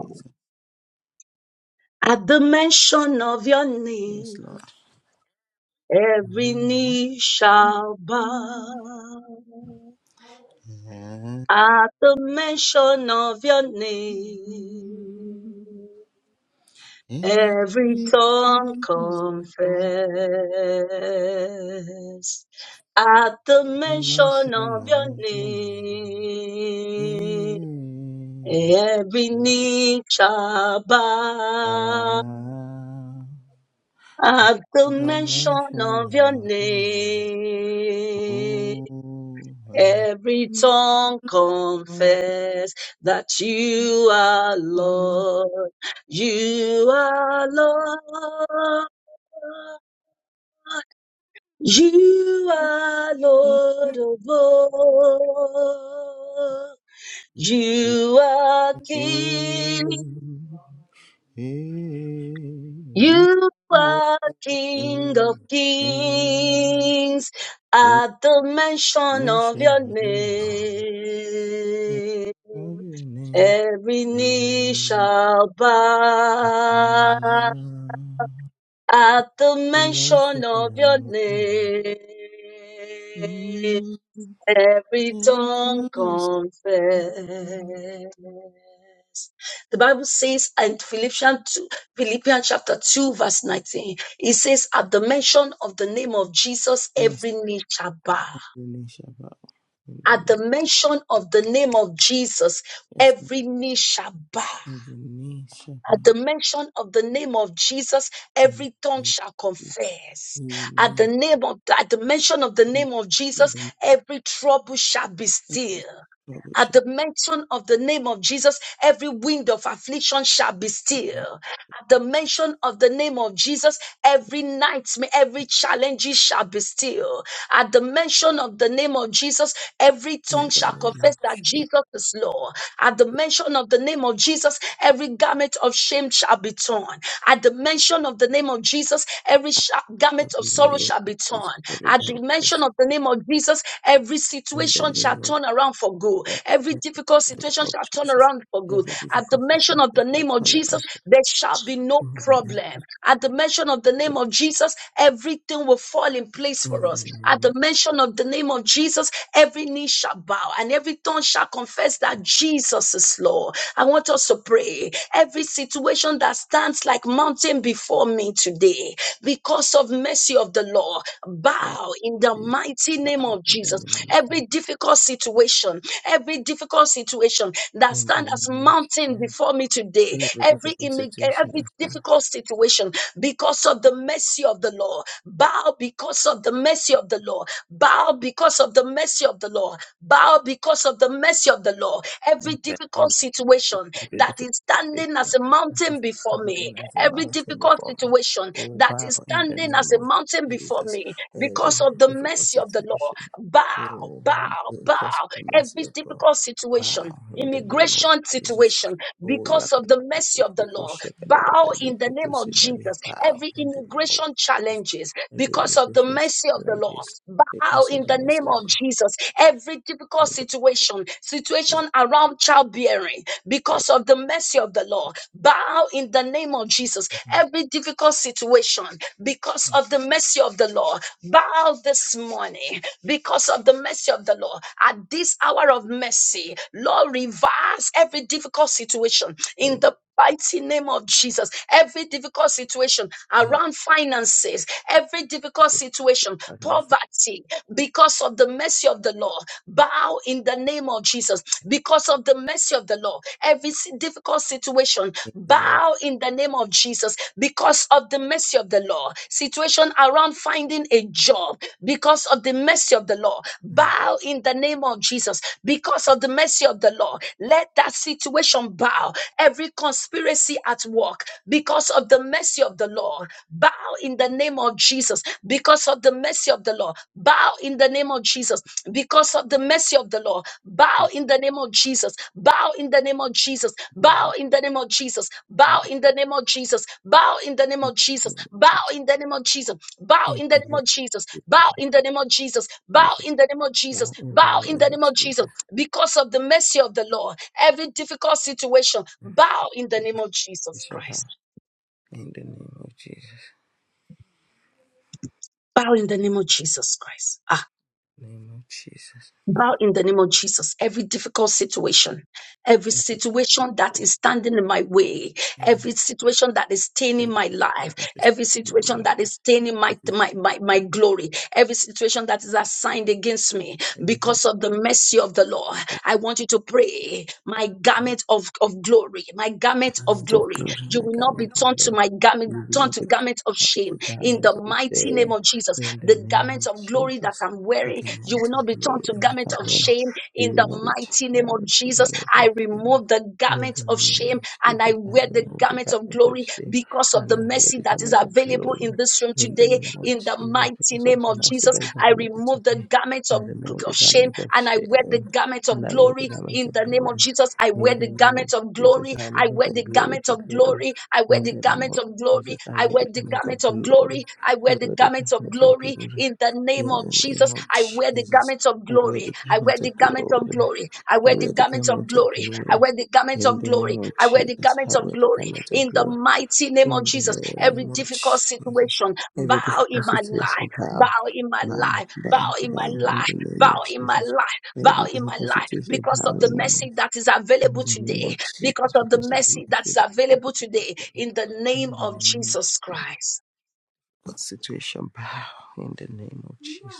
Speaker 2: Jesus.
Speaker 1: At the mention of your
Speaker 2: Yes,
Speaker 1: name,
Speaker 2: Lord.
Speaker 1: every knee shall bow. At the mention of your name,
Speaker 2: Hey,
Speaker 1: every tongue confess. At the mention
Speaker 2: mention
Speaker 1: of your
Speaker 2: of your name.
Speaker 1: name
Speaker 2: Hey,
Speaker 1: Every
Speaker 2: hey, hey,
Speaker 1: knee shall bow
Speaker 2: ah.
Speaker 1: at the
Speaker 2: Another
Speaker 1: mention of
Speaker 2: mention
Speaker 1: your
Speaker 2: of you.
Speaker 1: name.
Speaker 2: Oh, I
Speaker 1: Every tongue confess that you are
Speaker 2: love
Speaker 1: Lord. You are Lord. You are Lord
Speaker 2: you
Speaker 1: of all. You are King.
Speaker 2: again. Hey,
Speaker 1: You
Speaker 2: you
Speaker 1: are King of
Speaker 2: again.
Speaker 1: Kings
Speaker 2: Oh,
Speaker 1: at the mention of
Speaker 2: mention
Speaker 1: your
Speaker 2: of you.
Speaker 1: name.
Speaker 2: Mention of your name.
Speaker 1: Every knee
Speaker 2: is
Speaker 1: shall bow
Speaker 2: love.
Speaker 1: at the mention
Speaker 2: Mention
Speaker 1: of your
Speaker 2: of you.
Speaker 1: name.
Speaker 2: Mm,
Speaker 1: Every
Speaker 2: it
Speaker 1: tongue confess.
Speaker 2: was
Speaker 1: The Bible says in Philippians, 2, Philippians chapter 2, verse 19, it says, At the mention of the name of Jesus,
Speaker 2: Yes,
Speaker 1: every knee shall bow.
Speaker 2: every knee shall bow. In the
Speaker 1: At
Speaker 2: name,
Speaker 1: the mention of the name of Jesus,
Speaker 2: yes, Lord.
Speaker 1: every knee shall bow.
Speaker 2: every knee shall bow.
Speaker 1: At the mention of the name of Jesus,
Speaker 2: In
Speaker 1: every
Speaker 2: the
Speaker 1: tongue
Speaker 2: name
Speaker 1: shall
Speaker 2: of Jesus.
Speaker 1: confess. At the
Speaker 2: Amen.
Speaker 1: name of at the mention of the
Speaker 2: And
Speaker 1: name of
Speaker 2: the
Speaker 1: Jesus,
Speaker 2: name
Speaker 1: every trouble shall be
Speaker 2: of every
Speaker 1: still.
Speaker 2: trouble
Speaker 1: At
Speaker 2: shall
Speaker 1: the mention of the name of Jesus, every wind of affliction shall be
Speaker 2: be removed.
Speaker 1: still. At the mention of the name of Jesus, Every nightmare, every challenge shall be still. At the mention of the name of Jesus, every tongue shall confess that Jesus is Lord. At the mention of the name of Jesus, every garment of shame shall be torn. At the mention of the name of Jesus, every sha-
Speaker 2: in
Speaker 1: garment
Speaker 2: the
Speaker 1: of sorrow
Speaker 2: name
Speaker 1: shall
Speaker 2: of
Speaker 1: be torn.
Speaker 2: Jesus. Every doubt
Speaker 1: At the
Speaker 2: shall
Speaker 1: mention of
Speaker 2: flee
Speaker 1: the name of Jesus, every
Speaker 2: in the
Speaker 1: situation shall
Speaker 2: name of
Speaker 1: turn around for good.
Speaker 2: God. In
Speaker 1: Every
Speaker 2: the
Speaker 1: difficult
Speaker 2: name
Speaker 1: situation
Speaker 2: of
Speaker 1: shall turn
Speaker 2: Jesus.
Speaker 1: around for good.
Speaker 2: Every
Speaker 1: At the
Speaker 2: difficult
Speaker 1: mention
Speaker 2: situation
Speaker 1: of the
Speaker 2: shall
Speaker 1: name of
Speaker 2: turn
Speaker 1: Jesus,
Speaker 2: around.
Speaker 1: there shall be no
Speaker 2: In the name of Jesus.
Speaker 1: problem. At the mention mention of the name of Jesus, everything will fall in place
Speaker 2: In
Speaker 1: for
Speaker 2: the
Speaker 1: us.
Speaker 2: name of Jesus. Every
Speaker 1: At the mention of the name of Jesus, every knee shall bow and every tongue shall confess that Jesus is Lord. I want us to pray. Every situation that stands like mountain before me today, because of mercy of the Lord, bow in the mighty name
Speaker 2: bow.
Speaker 1: of
Speaker 2: In the
Speaker 1: Jesus.
Speaker 2: name of Jesus.
Speaker 1: Every difficult situation, every difficult situation that
Speaker 2: In the
Speaker 1: stands
Speaker 2: name
Speaker 1: as
Speaker 2: of Jesus.
Speaker 1: mountain before me today,
Speaker 2: Every
Speaker 1: every
Speaker 2: difficult
Speaker 1: immig-
Speaker 2: situation
Speaker 1: every
Speaker 2: shall
Speaker 1: difficult situation because of the mercy of the Lord. Bow because of the mercy of the Lord. Bow because of the mercy of the Lord. Bow because of the mercy of the Lord. Every
Speaker 2: turn around.
Speaker 1: difficult
Speaker 2: It's
Speaker 1: situation
Speaker 2: a
Speaker 1: that
Speaker 2: beautiful
Speaker 1: is standing as
Speaker 2: situation
Speaker 1: a
Speaker 2: that
Speaker 1: mountain
Speaker 2: is
Speaker 1: before me,
Speaker 2: standing as a
Speaker 1: every
Speaker 2: mountain
Speaker 1: difficult
Speaker 2: before me.
Speaker 1: situation
Speaker 2: Oh,
Speaker 1: that
Speaker 2: bow
Speaker 1: is
Speaker 2: in the
Speaker 1: standing
Speaker 2: name
Speaker 1: as a
Speaker 2: of
Speaker 1: mountain before
Speaker 2: Jesus.
Speaker 1: me, because
Speaker 2: Every
Speaker 1: of the
Speaker 2: difficult
Speaker 1: mercy of the Lord,
Speaker 2: situation.
Speaker 1: bow,
Speaker 2: Oh,
Speaker 1: bow, bow,
Speaker 2: because of the mercy
Speaker 1: every
Speaker 2: of God.
Speaker 1: difficult situation,
Speaker 2: Bow in the name of
Speaker 1: immigration
Speaker 2: Jesus.
Speaker 1: situation,
Speaker 2: Oh,
Speaker 1: because of the mercy
Speaker 2: Yakalapati
Speaker 1: of the
Speaker 2: Proko
Speaker 1: Lord. Bow
Speaker 2: Shekadalabali
Speaker 1: in the
Speaker 2: Proko
Speaker 1: name of
Speaker 2: Sindari.
Speaker 1: Jesus.
Speaker 2: Bow
Speaker 1: Every
Speaker 2: in the name of
Speaker 1: immigration
Speaker 2: Jesus.
Speaker 1: challenges,
Speaker 2: Every
Speaker 1: because of the
Speaker 2: immigration
Speaker 1: mercy of the Lord.
Speaker 2: challenges.
Speaker 1: Bow in the
Speaker 2: It's
Speaker 1: name of
Speaker 2: over
Speaker 1: Jesus. Every difficult
Speaker 2: in
Speaker 1: situation, situation around childbearing, because of the mercy of the Lord. Bow in the name of Jesus. Every difficult situation, because of the mercy of the Lord. Bow this morning because of the mercy of the Lord. At this hour of mercy, Lord, reverse every difficult situation in the mighty name of Jesus. Every difficult situation around finances, every difficult situation, poverty, because of the mercy of the Lord. Bow in the name of Jesus because of the mercy of the Lord every si- difficult situation. Bow in the name of Jesus because of the mercy of the law. Situation around finding a job because of the mercy of the law. Bow in the name of Jesus because of the mercy of the law. Let that situation bow. Every conspiracy at work because of the mercy of the law. Bow in the name of Jesus because of the mercy of the law. Bow in the name of Jesus because of the mercy of the Lord. Bow in the name of Jesus. Bow in the name of Jesus. Bow in the name of Jesus. Bow in the name of Jesus. Bow in the name of
Speaker 2: the
Speaker 1: Jesus.
Speaker 2: name
Speaker 1: Bow in the name of Jesus. Bow
Speaker 2: in
Speaker 1: in the
Speaker 2: the
Speaker 1: name
Speaker 2: name
Speaker 1: of Jesus.
Speaker 2: of
Speaker 1: Bow in the name of Jesus. Bow
Speaker 2: Jesus.
Speaker 1: in the name of Jesus.
Speaker 2: Bow in the
Speaker 1: Bow in
Speaker 2: name
Speaker 1: the
Speaker 2: of
Speaker 1: name of Jesus.
Speaker 2: Jesus.
Speaker 1: Because of the mercy of the Lord, every difficult situation, bow in the name of Jesus
Speaker 2: Beautification.
Speaker 1: Christ.
Speaker 2: In the name of Jesus,
Speaker 1: Bow in the name of Jesus Christ. Ah.
Speaker 2: name of Jesus,
Speaker 1: bow in the name of Jesus. Every difficult situation, every
Speaker 2: every
Speaker 1: situation that
Speaker 2: fish,
Speaker 1: is standing in my way, every situation that is staining
Speaker 2: every
Speaker 1: my life,
Speaker 2: step
Speaker 1: every
Speaker 2: of my
Speaker 1: situation
Speaker 2: life,
Speaker 1: that is staining my, my, my, my glory, every situation that is assigned against me
Speaker 2: every fish,
Speaker 1: because of the mercy of the Lord. I want you to pray, my
Speaker 2: my
Speaker 1: garment of, of glory, my garment of
Speaker 2: garment of
Speaker 1: glory
Speaker 2: glory, my
Speaker 1: you will not be
Speaker 2: garment of
Speaker 1: turned to
Speaker 2: glory,
Speaker 1: my garment,
Speaker 2: you will
Speaker 1: turned
Speaker 2: not
Speaker 1: to
Speaker 2: be
Speaker 1: garment of
Speaker 2: cut the
Speaker 1: shame. In
Speaker 2: garment
Speaker 1: the
Speaker 2: of
Speaker 1: mighty name
Speaker 2: shame.
Speaker 1: of Jesus,
Speaker 2: In the
Speaker 1: the
Speaker 2: name of
Speaker 1: garment of glory that
Speaker 2: Jesus,
Speaker 1: I'm
Speaker 2: the
Speaker 1: wearing, you
Speaker 2: garment
Speaker 1: will not
Speaker 2: of
Speaker 1: be turned to
Speaker 2: glory, my
Speaker 1: garment of
Speaker 2: garment,
Speaker 1: shame.
Speaker 2: you
Speaker 1: In
Speaker 2: will
Speaker 1: the
Speaker 2: not be
Speaker 1: mighty name of
Speaker 2: tied to
Speaker 1: Jesus,
Speaker 2: garment of
Speaker 1: I
Speaker 2: shame.
Speaker 1: remove the
Speaker 2: In
Speaker 1: garment
Speaker 2: the
Speaker 1: of
Speaker 2: name
Speaker 1: shame
Speaker 2: of
Speaker 1: and I
Speaker 2: Jesus, I
Speaker 1: wear the
Speaker 2: remove the
Speaker 1: garment of
Speaker 2: garment of
Speaker 1: glory
Speaker 2: shame
Speaker 1: because of
Speaker 2: and
Speaker 1: the
Speaker 2: I wear
Speaker 1: mercy
Speaker 2: the
Speaker 1: that is
Speaker 2: garment of
Speaker 1: available
Speaker 2: glory.
Speaker 1: in this room
Speaker 2: In the
Speaker 1: today
Speaker 2: name of
Speaker 1: in the
Speaker 2: Jesus,
Speaker 1: mighty
Speaker 2: because of
Speaker 1: name of
Speaker 2: the mercy
Speaker 1: Jesus.
Speaker 2: that is
Speaker 1: I
Speaker 2: available
Speaker 1: remove the
Speaker 2: today,
Speaker 1: garments
Speaker 2: I
Speaker 1: of,
Speaker 2: remove the
Speaker 1: of shame
Speaker 2: garment of
Speaker 1: and I wear the
Speaker 2: shame
Speaker 1: garment
Speaker 2: and
Speaker 1: of
Speaker 2: I wear the
Speaker 1: glory
Speaker 2: garment
Speaker 1: in
Speaker 2: of
Speaker 1: the name of
Speaker 2: glory.
Speaker 1: Jesus. I
Speaker 2: In
Speaker 1: wear
Speaker 2: the
Speaker 1: the
Speaker 2: name of
Speaker 1: garment of
Speaker 2: Jesus,
Speaker 1: glory.
Speaker 2: I am
Speaker 1: I
Speaker 2: moving
Speaker 1: wear
Speaker 2: from
Speaker 1: the
Speaker 2: glory
Speaker 1: garment
Speaker 2: to
Speaker 1: of
Speaker 2: glory.
Speaker 1: glory. I wear
Speaker 2: In
Speaker 1: the
Speaker 2: the name
Speaker 1: garment
Speaker 2: of
Speaker 1: of glory.
Speaker 2: Jesus, I
Speaker 1: I
Speaker 2: wear
Speaker 1: wear
Speaker 2: the
Speaker 1: the
Speaker 2: garment
Speaker 1: garment
Speaker 2: of
Speaker 1: of
Speaker 2: glory.
Speaker 1: glory. I
Speaker 2: I
Speaker 1: wear the
Speaker 2: wear the
Speaker 1: garment of
Speaker 2: garment of
Speaker 1: glory
Speaker 2: glory.
Speaker 1: in the name
Speaker 2: In
Speaker 1: of
Speaker 2: the
Speaker 1: Jesus.
Speaker 2: name of
Speaker 1: I wear the
Speaker 2: Jesus,
Speaker 1: garment of
Speaker 2: I wear
Speaker 1: glory.
Speaker 2: the
Speaker 1: I wear
Speaker 2: garment
Speaker 1: the
Speaker 2: of
Speaker 1: garment of
Speaker 2: glory.
Speaker 1: glory. I
Speaker 2: I
Speaker 1: wear the
Speaker 2: wear the
Speaker 1: garment of
Speaker 2: garment of
Speaker 1: glory.
Speaker 2: glory.
Speaker 1: I wear the garment
Speaker 2: In
Speaker 1: of
Speaker 2: the
Speaker 1: glory.
Speaker 2: name of
Speaker 1: I wear the
Speaker 2: Jesus,
Speaker 1: garment of
Speaker 2: hallowed the
Speaker 1: glory
Speaker 2: garment of
Speaker 1: in the
Speaker 2: glory.
Speaker 1: mighty name of
Speaker 2: In the
Speaker 1: Jesus every
Speaker 2: name of
Speaker 1: difficult
Speaker 2: Jesus,
Speaker 1: situation.
Speaker 2: every
Speaker 1: Bow in
Speaker 2: difficult
Speaker 1: my
Speaker 2: situation
Speaker 1: life,
Speaker 2: bow,
Speaker 1: bow in my
Speaker 2: bow,
Speaker 1: life, bow
Speaker 2: bow,
Speaker 1: in my
Speaker 2: bow. In
Speaker 1: life,
Speaker 2: the name
Speaker 1: bow
Speaker 2: of
Speaker 1: in my
Speaker 2: Jesus,
Speaker 1: life, bow
Speaker 2: every
Speaker 1: in my
Speaker 2: difficult
Speaker 1: life,
Speaker 2: situation
Speaker 1: because of
Speaker 2: bow
Speaker 1: the
Speaker 2: in my
Speaker 1: mercy
Speaker 2: life.
Speaker 1: that is
Speaker 2: In
Speaker 1: available
Speaker 2: the name
Speaker 1: today,
Speaker 2: of
Speaker 1: because
Speaker 2: Jesus,
Speaker 1: of the
Speaker 2: because of the
Speaker 1: mercy that is
Speaker 2: mercy that I have
Speaker 1: available
Speaker 2: been
Speaker 1: today,
Speaker 2: today.
Speaker 1: in the name
Speaker 2: In the
Speaker 1: of
Speaker 2: name of
Speaker 1: Jesus Christ.
Speaker 2: Jesus, situation bow. In the name of Jesus,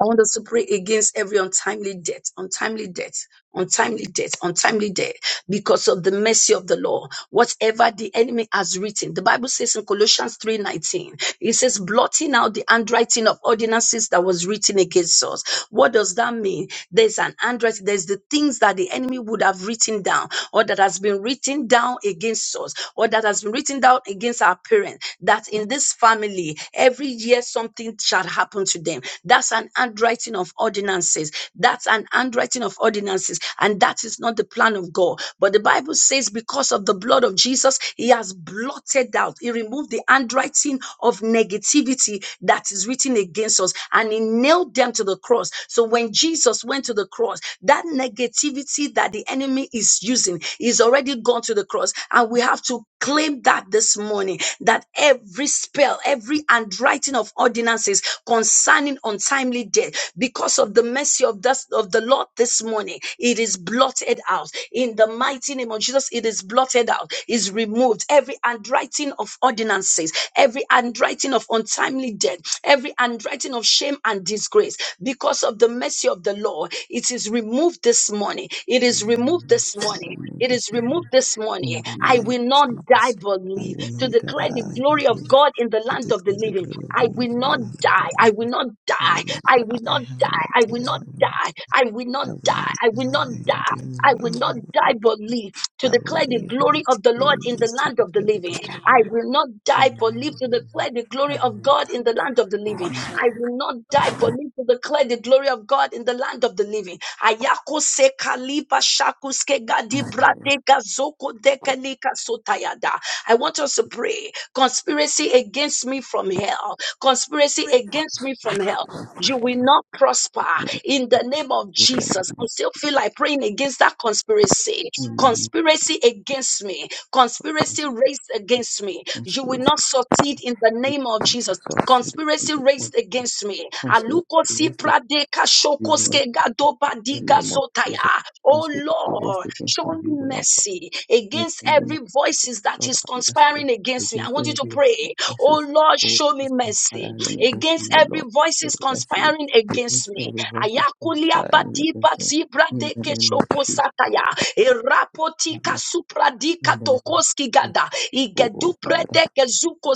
Speaker 1: I want us to pray against every untimely death, untimely death, untimely death, untimely death, because of the mercy of the law. Whatever the enemy has written, the Bible says in Colossians 3:19, it says, blotting out the handwriting of ordinances that was written against us. What does that mean? There's an handwriting, there's the things that the enemy would have written down, or that has been written down against us, or that has been written down against our parents that in this family, every year something shall happen to them. That's an handwriting of ordinances. That's an handwriting of ordinances. And that is not the plan of God. But the Bible says, because of the blood of Jesus, He has blotted out, He removed the handwriting of negativity that is written against us and He nailed them to the cross. So when Jesus went to the cross, that negativity that the enemy is using is already gone to the cross. And we have to claim that this morning that every spell, every handwriting of ordinances concerning untimely death, because of the mercy of this of the Lord this morning, it is blotted out. In the mighty name of Jesus, it is blotted out, is removed. Every handwriting of ordinances finances, every handwriting of untimely death, every handwriting of shame and disgrace, because of the mercy of the Lord, it is removed this morning. It is removed this morning. It is removed
Speaker 2: in
Speaker 1: this morning.
Speaker 2: the name
Speaker 1: I
Speaker 2: of
Speaker 1: will not die
Speaker 2: Jesus,
Speaker 1: but
Speaker 2: I
Speaker 1: live
Speaker 2: will
Speaker 1: to
Speaker 2: not
Speaker 1: declare the
Speaker 2: die,
Speaker 1: glory
Speaker 2: but
Speaker 1: of
Speaker 2: live
Speaker 1: God in the
Speaker 2: to
Speaker 1: land of the
Speaker 2: declare the
Speaker 1: living.
Speaker 2: glory of the
Speaker 1: I
Speaker 2: Lord
Speaker 1: will
Speaker 2: in the
Speaker 1: not
Speaker 2: land of the
Speaker 1: die.
Speaker 2: living.
Speaker 1: I will not
Speaker 2: I will
Speaker 1: die.
Speaker 2: not
Speaker 1: I
Speaker 2: die. I
Speaker 1: will not die. I will not
Speaker 2: will not
Speaker 1: die.
Speaker 2: die.
Speaker 1: I will not
Speaker 2: I will not die. I
Speaker 1: die.
Speaker 2: will not
Speaker 1: I
Speaker 2: die.
Speaker 1: will not
Speaker 2: I
Speaker 1: die.
Speaker 2: am doing
Speaker 1: I will
Speaker 2: well. I
Speaker 1: not
Speaker 2: will
Speaker 1: die
Speaker 2: not.
Speaker 1: but live to
Speaker 2: I will
Speaker 1: declare the
Speaker 2: live. My
Speaker 1: glory of the Lord in the
Speaker 2: days to
Speaker 1: land of the
Speaker 2: declare the
Speaker 1: living.
Speaker 2: glory of the
Speaker 1: I
Speaker 2: Lord.
Speaker 1: will not
Speaker 2: In
Speaker 1: die
Speaker 2: the
Speaker 1: but
Speaker 2: name
Speaker 1: live
Speaker 2: of
Speaker 1: to
Speaker 2: the Lord.
Speaker 1: declare the
Speaker 2: I
Speaker 1: glory
Speaker 2: will
Speaker 1: of
Speaker 2: not die.
Speaker 1: God in the land of the living. I will not die but live to declare the glory of God in the land of the living. Ayako se kalipa shakuske gadi brate gazoko dekalika sotayada. I want us to pray. Conspiracy against me from hell. Conspiracy against me from hell. You will not prosper in the name of Jesus. I still feel like praying against that conspiracy. Conspiracy against me. Conspiracy raised against me. You will not succeed in the name of Jesus. Conspiracy
Speaker 2: What
Speaker 1: raised against me.
Speaker 2: conspiracy
Speaker 1: Aluko si prade ka
Speaker 2: you
Speaker 1: shoko
Speaker 2: will not
Speaker 1: ske gado
Speaker 2: prosper. In the name of Jesus.
Speaker 1: zotaya. Oh
Speaker 2: Conspiracy
Speaker 1: Lord.
Speaker 2: raised
Speaker 1: Lord,
Speaker 2: against
Speaker 1: show
Speaker 2: me,
Speaker 1: me
Speaker 2: you will not prosper.
Speaker 1: mercy
Speaker 2: In
Speaker 1: against
Speaker 2: the name
Speaker 1: every
Speaker 2: of Jesus.
Speaker 1: voices that
Speaker 2: Lord
Speaker 1: is
Speaker 2: have mercy.
Speaker 1: conspiring against me. I
Speaker 2: Against
Speaker 1: want you to
Speaker 2: every
Speaker 1: pray, oh
Speaker 2: voices.
Speaker 1: Lord,
Speaker 2: Oh,
Speaker 1: show me
Speaker 2: is
Speaker 1: mercy
Speaker 2: conspiring against me,
Speaker 1: against
Speaker 2: O
Speaker 1: every
Speaker 2: Lord.
Speaker 1: voices
Speaker 2: Lord, Let's see.
Speaker 1: conspiring against
Speaker 2: Against
Speaker 1: me.
Speaker 2: every voice is
Speaker 1: Ayakulia
Speaker 2: conspiring
Speaker 1: padipa
Speaker 2: against me.
Speaker 1: zibra
Speaker 2: In the
Speaker 1: deke
Speaker 2: name of
Speaker 1: shoko
Speaker 2: Jesus.
Speaker 1: sataya. Erapotika
Speaker 2: Um,
Speaker 1: supradika
Speaker 2: in the name of
Speaker 1: tokoski
Speaker 2: Jesus,
Speaker 1: gada.
Speaker 2: oh
Speaker 1: Igedu
Speaker 2: oh, Father,
Speaker 1: preteke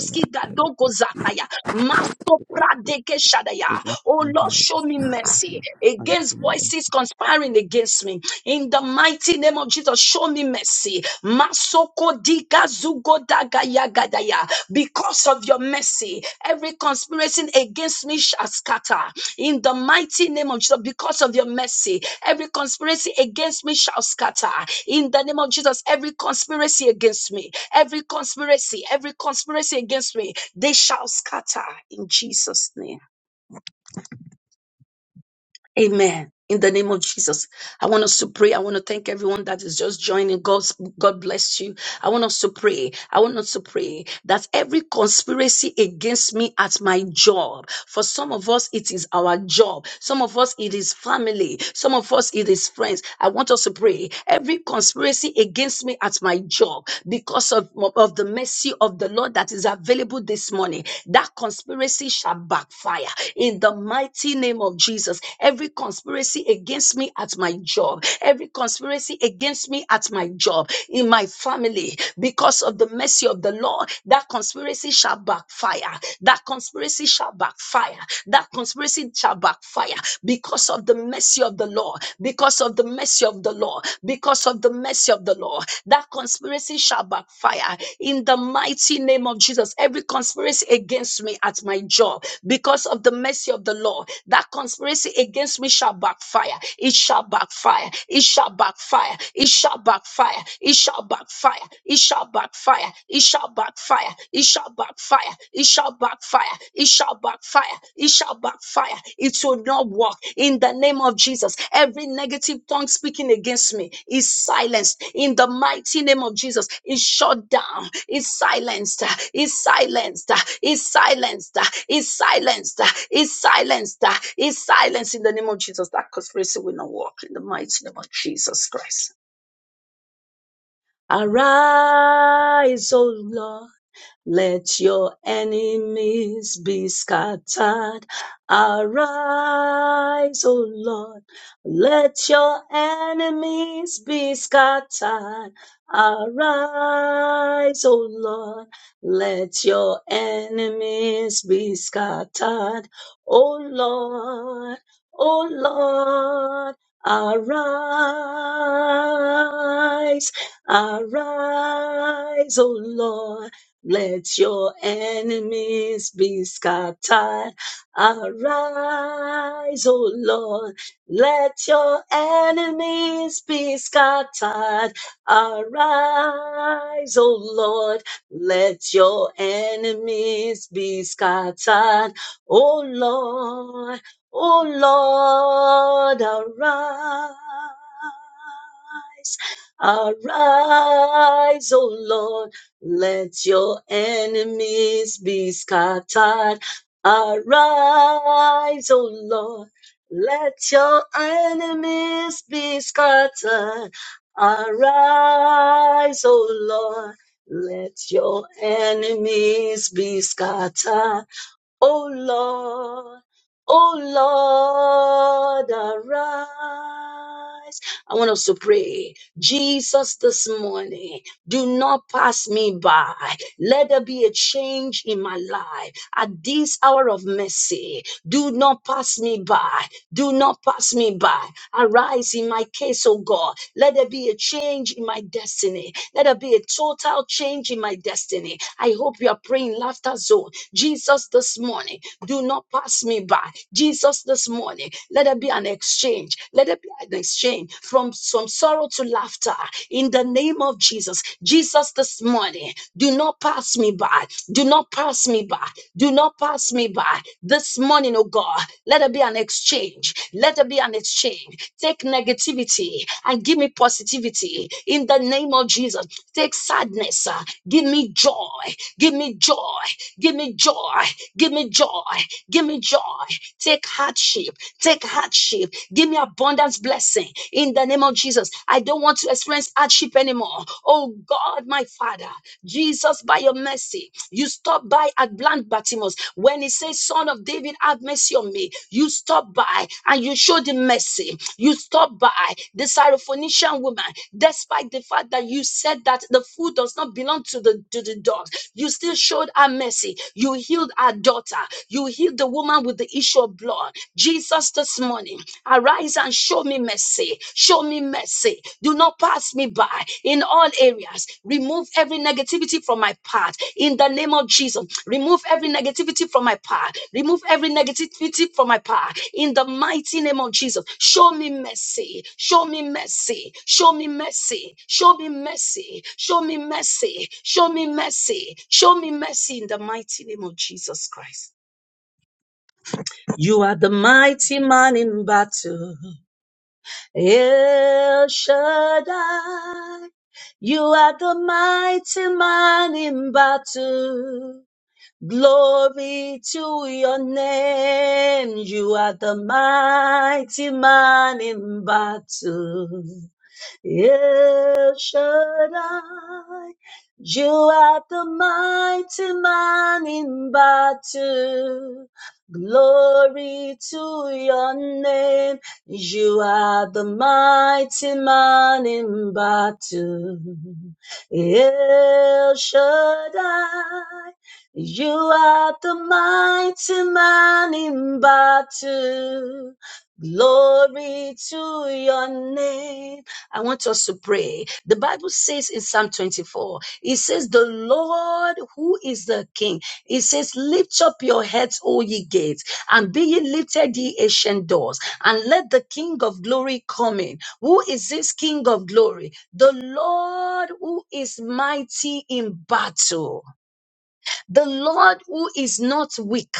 Speaker 2: you know, in the name
Speaker 1: gadogo
Speaker 2: of
Speaker 1: zataya. Masto
Speaker 2: Jesus.
Speaker 1: pradeke shadaya. Oh Lord, show me mercy against against voices conspiring against me. In the mighty name of Jesus, show me mercy. Masoko dika zugo daga yaga daya. Because of your mercy, every conspiracy against me shall scatter. In the mighty name of Jesus, because of your mercy, every conspiracy against me shall scatter. In the name of Jesus, every conspiracy against me, every conspiracy, every conspiracy against me, they shall scatter. In Jesus' name. Amen. In the name of Jesus, I want us to pray. I want to thank everyone that is just joining. God, God bless you. I want us to pray. I want us to pray that every conspiracy against me at my job, for some of us, it is our job. Some of us, it is family. Some of us, it is friends. I want us to pray. Every conspiracy against me at my job, because of, of the mercy of the the Lord that is available this morning, that conspiracy shall backfire in the mighty name of Jesus. Every conspiracy against me at my job, every conspiracy against me at my job, in my family, because of the mercy of the Lord, that conspiracy shall backfire. That conspiracy shall backfire. That conspiracy shall backfire because of the mercy of the Lord Because because of the mercy of the law, because of the mercy of the law. That conspiracy shall backfire in the mighty name of Jesus. Every conspiracy against me at my job, because of the mercy of the law, that conspiracy against me shall backfire. It shall backfire. It shall backfire. It shall backfire. It shall backfire. It shall backfire. It shall backfire. It shall backfire. It shall shall backfire. It shall backfire. It shall backfire. It will not work. In the name of Jesus, every negative tongue speaking against me is silenced. In the mighty name of Jesus, is shut down. Is silenced. Is silenced. Is silenced. Is silenced. Is silenced. Is silenced. In the name of Jesus, that conspiracy will not work. In the mighty name of Jesus Christ. Arise, O Lord. Let your enemies be scattered. Arise, O Lord. Let your enemies be scattered. Arise, O Lord. Let your enemies be scattered. O Lord, O Lord. Arise, arise, O Lord. Let your enemies be scattered. Arise, O Lord. Let your enemies be scattered. Arise, O Lord. Let your enemies be scattered. O Lord, O Lord, arise. Arise, O Lord. Let your enemies be scattered. Arise, O Lord. Let your enemies be scattered. Arise, O Lord. Let your enemies be scattered. O Lord, O Lord, arise. I want us to pray. Jesus, this morning, do not pass me by. Let there be a change in my life. At this hour of mercy, do not pass me by. Do not pass me by. Arise in my case, O God. Let there be a change in my destiny. Let there be a total change in my destiny. I hope you are praying laughter zone. Jesus, this morning, do not pass me by. Jesus, this morning, let there be an exchange. Let there be an exchange from, from sorrow to laughter in the name of Jesus. Jesus, this morning, do not pass me by. Do not pass me by. Do not pass me by. This morning, oh God, let there be an exchange. Let there be an exchange. Take negativity and give me positivity in the name of Jesus. Take sadness. uh, Give me joy. Give me joy. Give me joy. Give me joy. Give me joy. Take hardship. Take hardship. Give me abundance blessing in the name of Jesus. I don't want to experience hardship anymore. Oh God, my Father, Jesus, by your mercy, you stop by at blind Bartimaeus when he says, Son of David, have mercy on me. You stop by and you show showed him mercy. You stopped by the Syrophoenician woman, despite the fact that you said that the food does not belong to the to the dogs. You still showed her mercy. You healed our daughter. You healed the woman with the issue of blood. Jesus, this morning, arise and show me mercy. Show me mercy. Do not pass me by in all areas. Remove every negativity from my path in the name of Jesus. Remove every negativity from my path. Remove every negativity from my path in the mighty name of Jesus. Show me mercy. Show me mercy. Show me mercy. Show me mercy. Show me mercy. Show me mercy. Show me mercy in the mighty name of Jesus Christ. You are the mighty man in battle. El Shaddai, you are the mighty man in battle. Glory to your name. You are the mighty man in battle. El Shaddai, you are the mighty man in battle. Glory to your name. You are the mighty man in battle. El Shaddai, you are the mighty man in battle. Glory to your name. I want us to pray. The Bible says in Psalm 24, it says, The Lord who is the King, it says, Lift up your heads, O ye gates, and be ye lifted, ye ancient doors, and let the King of glory come in. Who is this King of glory? The Lord who is mighty in battle, the Lord who is not weak,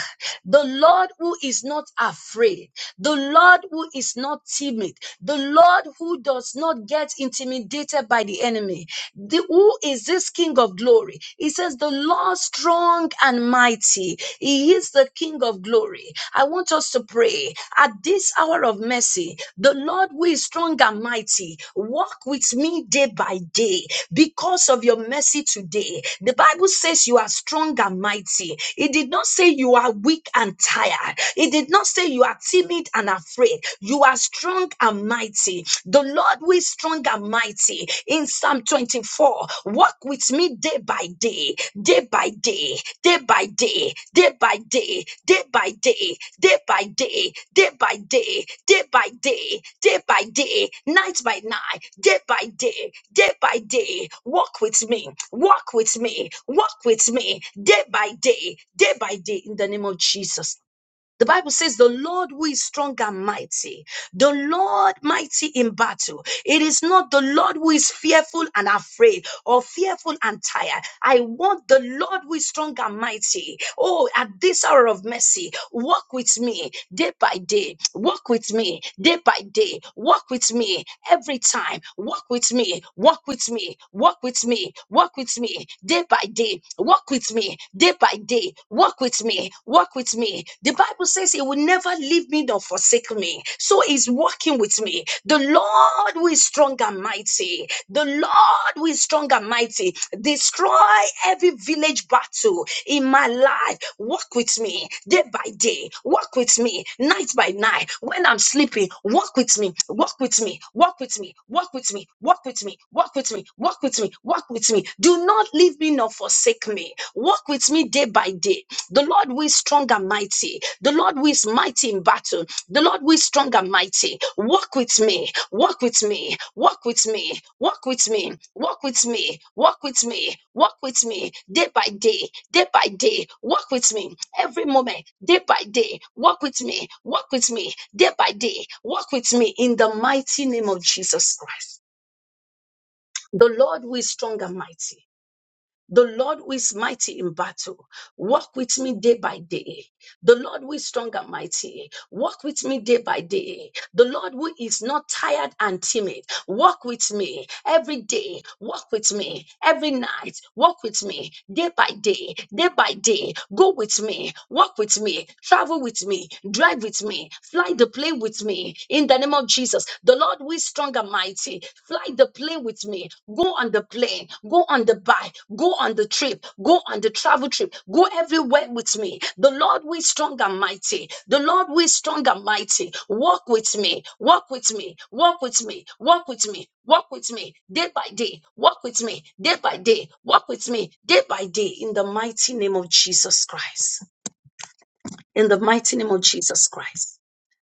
Speaker 1: the Lord who is not afraid the Lord who is not timid, the Lord who does not get intimidated by the enemy. The- who is this King of glory? He says, The Lord strong and mighty. He is the King of glory. I want us to pray at this hour of mercy. The Lord who is strong and mighty, walk with me day by day because of your mercy today. The Bible says you are strong and mighty. It did not say you are weak and tired. It did not did not say you are timid and afraid. You are strong and mighty. The Lord who is strong and mighty. In Psalm 24, walk with me day by day, day by day, day by day, day by day, day by day, day by day, day by day, day by day, day by day, night by night, day by day, day by day. Walk with me, walk with me, walk with me, day by day, day by day, in the name of Jesus. The Bible says, The Lord who is strong and mighty, the Lord mighty in battle. It is not the Lord who is fearful and afraid or fearful and tired. I want the Lord who is strong and mighty. Oh, at this hour of mercy, walk with me day by day, walk with me day by day, walk with me every time, walk with me, walk with me, walk with me, walk with me day by day, walk with me day by day, walk with me, walk walk with me. The Bible says he will never leave me nor forsake me. So he's working with me. The Lord who is strong and mighty. The Lord who is strong and mighty. Destroy every village battle in my life. Walk with me day by day. Walk with me night by night. When I'm sleeping, walk with me. Walk with me. Walk with me. Walk with me. Walk with me. Walk with me. Walk with me. Walk with me. Do not leave me nor forsake me. Walk with me day by day. The Lord who is strong and mighty. The Lord who is mighty in battle. The Lord who is strong and mighty. Walk with me. Walk with me. Walk with me. Walk with me. Walk with me. Walk with me. Walk with me. Day by day. Day by day. Walk with me. Every moment. Day by day. Walk with me. Walk with me. Day by day. Walk with me. In the mighty name of Jesus Christ. The Lord who is strong and mighty. The Lord who is mighty in battle, walk with me day by day. The Lord who is strong and mighty, walk with me day by day. The Lord who is not tired and timid, walk with me every day, walk with me every night, walk with me day by day, day by day. Go with me, walk with me, travel with me, drive with me, fly the plane with me. In the name of Jesus, the Lord who is strong and mighty, fly the plane with me, go on the plane plane, go on the bike, go on the trip, go on the travel trip, go everywhere with me. The Lord will is strong and mighty. The Lord will is strong and mighty. Walk with me, walk with me, walk with me, walk with me, walk with me day by day, walk with me day by day, walk with me day by day in the mighty name of Jesus Christ. In the mighty name of Jesus Christ.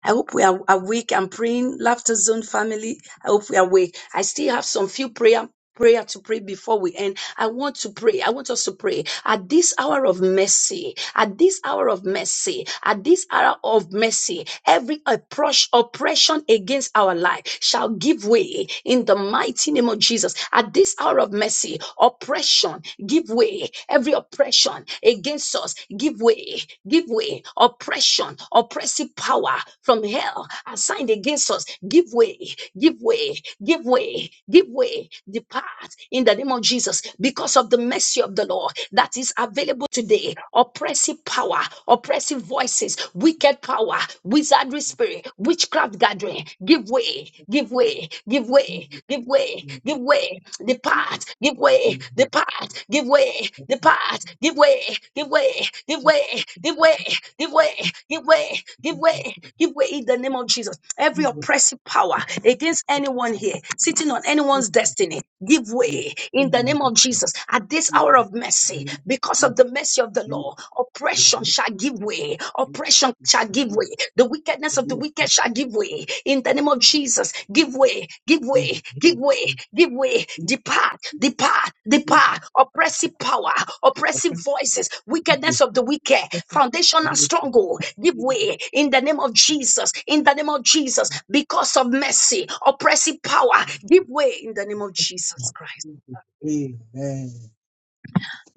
Speaker 1: I hope we are awake. I'm praying, Laughter Zone family. I hope we are awake. I still have some few prayer prayer to pray before we end. I want to pray. I want us to pray at this hour of mercy, at this hour of mercy, at this hour of mercy, every oppros- oppression against our life shall give way in the mighty name of Jesus. At this hour of mercy, oppression give way. Every oppression against us give way, give way. Oppression oppression, oppressive power from hell assigned against us. Give way, give way, give way, give way, depart in the name of Jesus because of the mercy of the Lord that is available today. Oppressive power, oppressive voices, wicked power, wizardry spirit, witchcraft gathering. Give way, give way, give way,
Speaker 3: Amen.
Speaker 1: give way, give way. Depart, give way, depart, give way, depart, give way, give way, give way, give way, give way, give way, give way, give way in the name of Jesus. Every
Speaker 3: Amen.
Speaker 1: oppressive power against anyone here, sitting on anyone's destiny, give way in the name of Jesus. At this hour of mercy, because of the mercy of the law, oppression shall give way, oppression shall give way. The wickedness of the wicked shall give way. In the name of Jesus, give way, give way, give way, give way. Depart, depart, depart. Oppressive power, oppressive voices, wickedness of the wicked, foundational stronghold, give way. In the name of Jesus, in the name of Jesus, because of mercy, oppressive power, give way. In the name of Jesus Christ.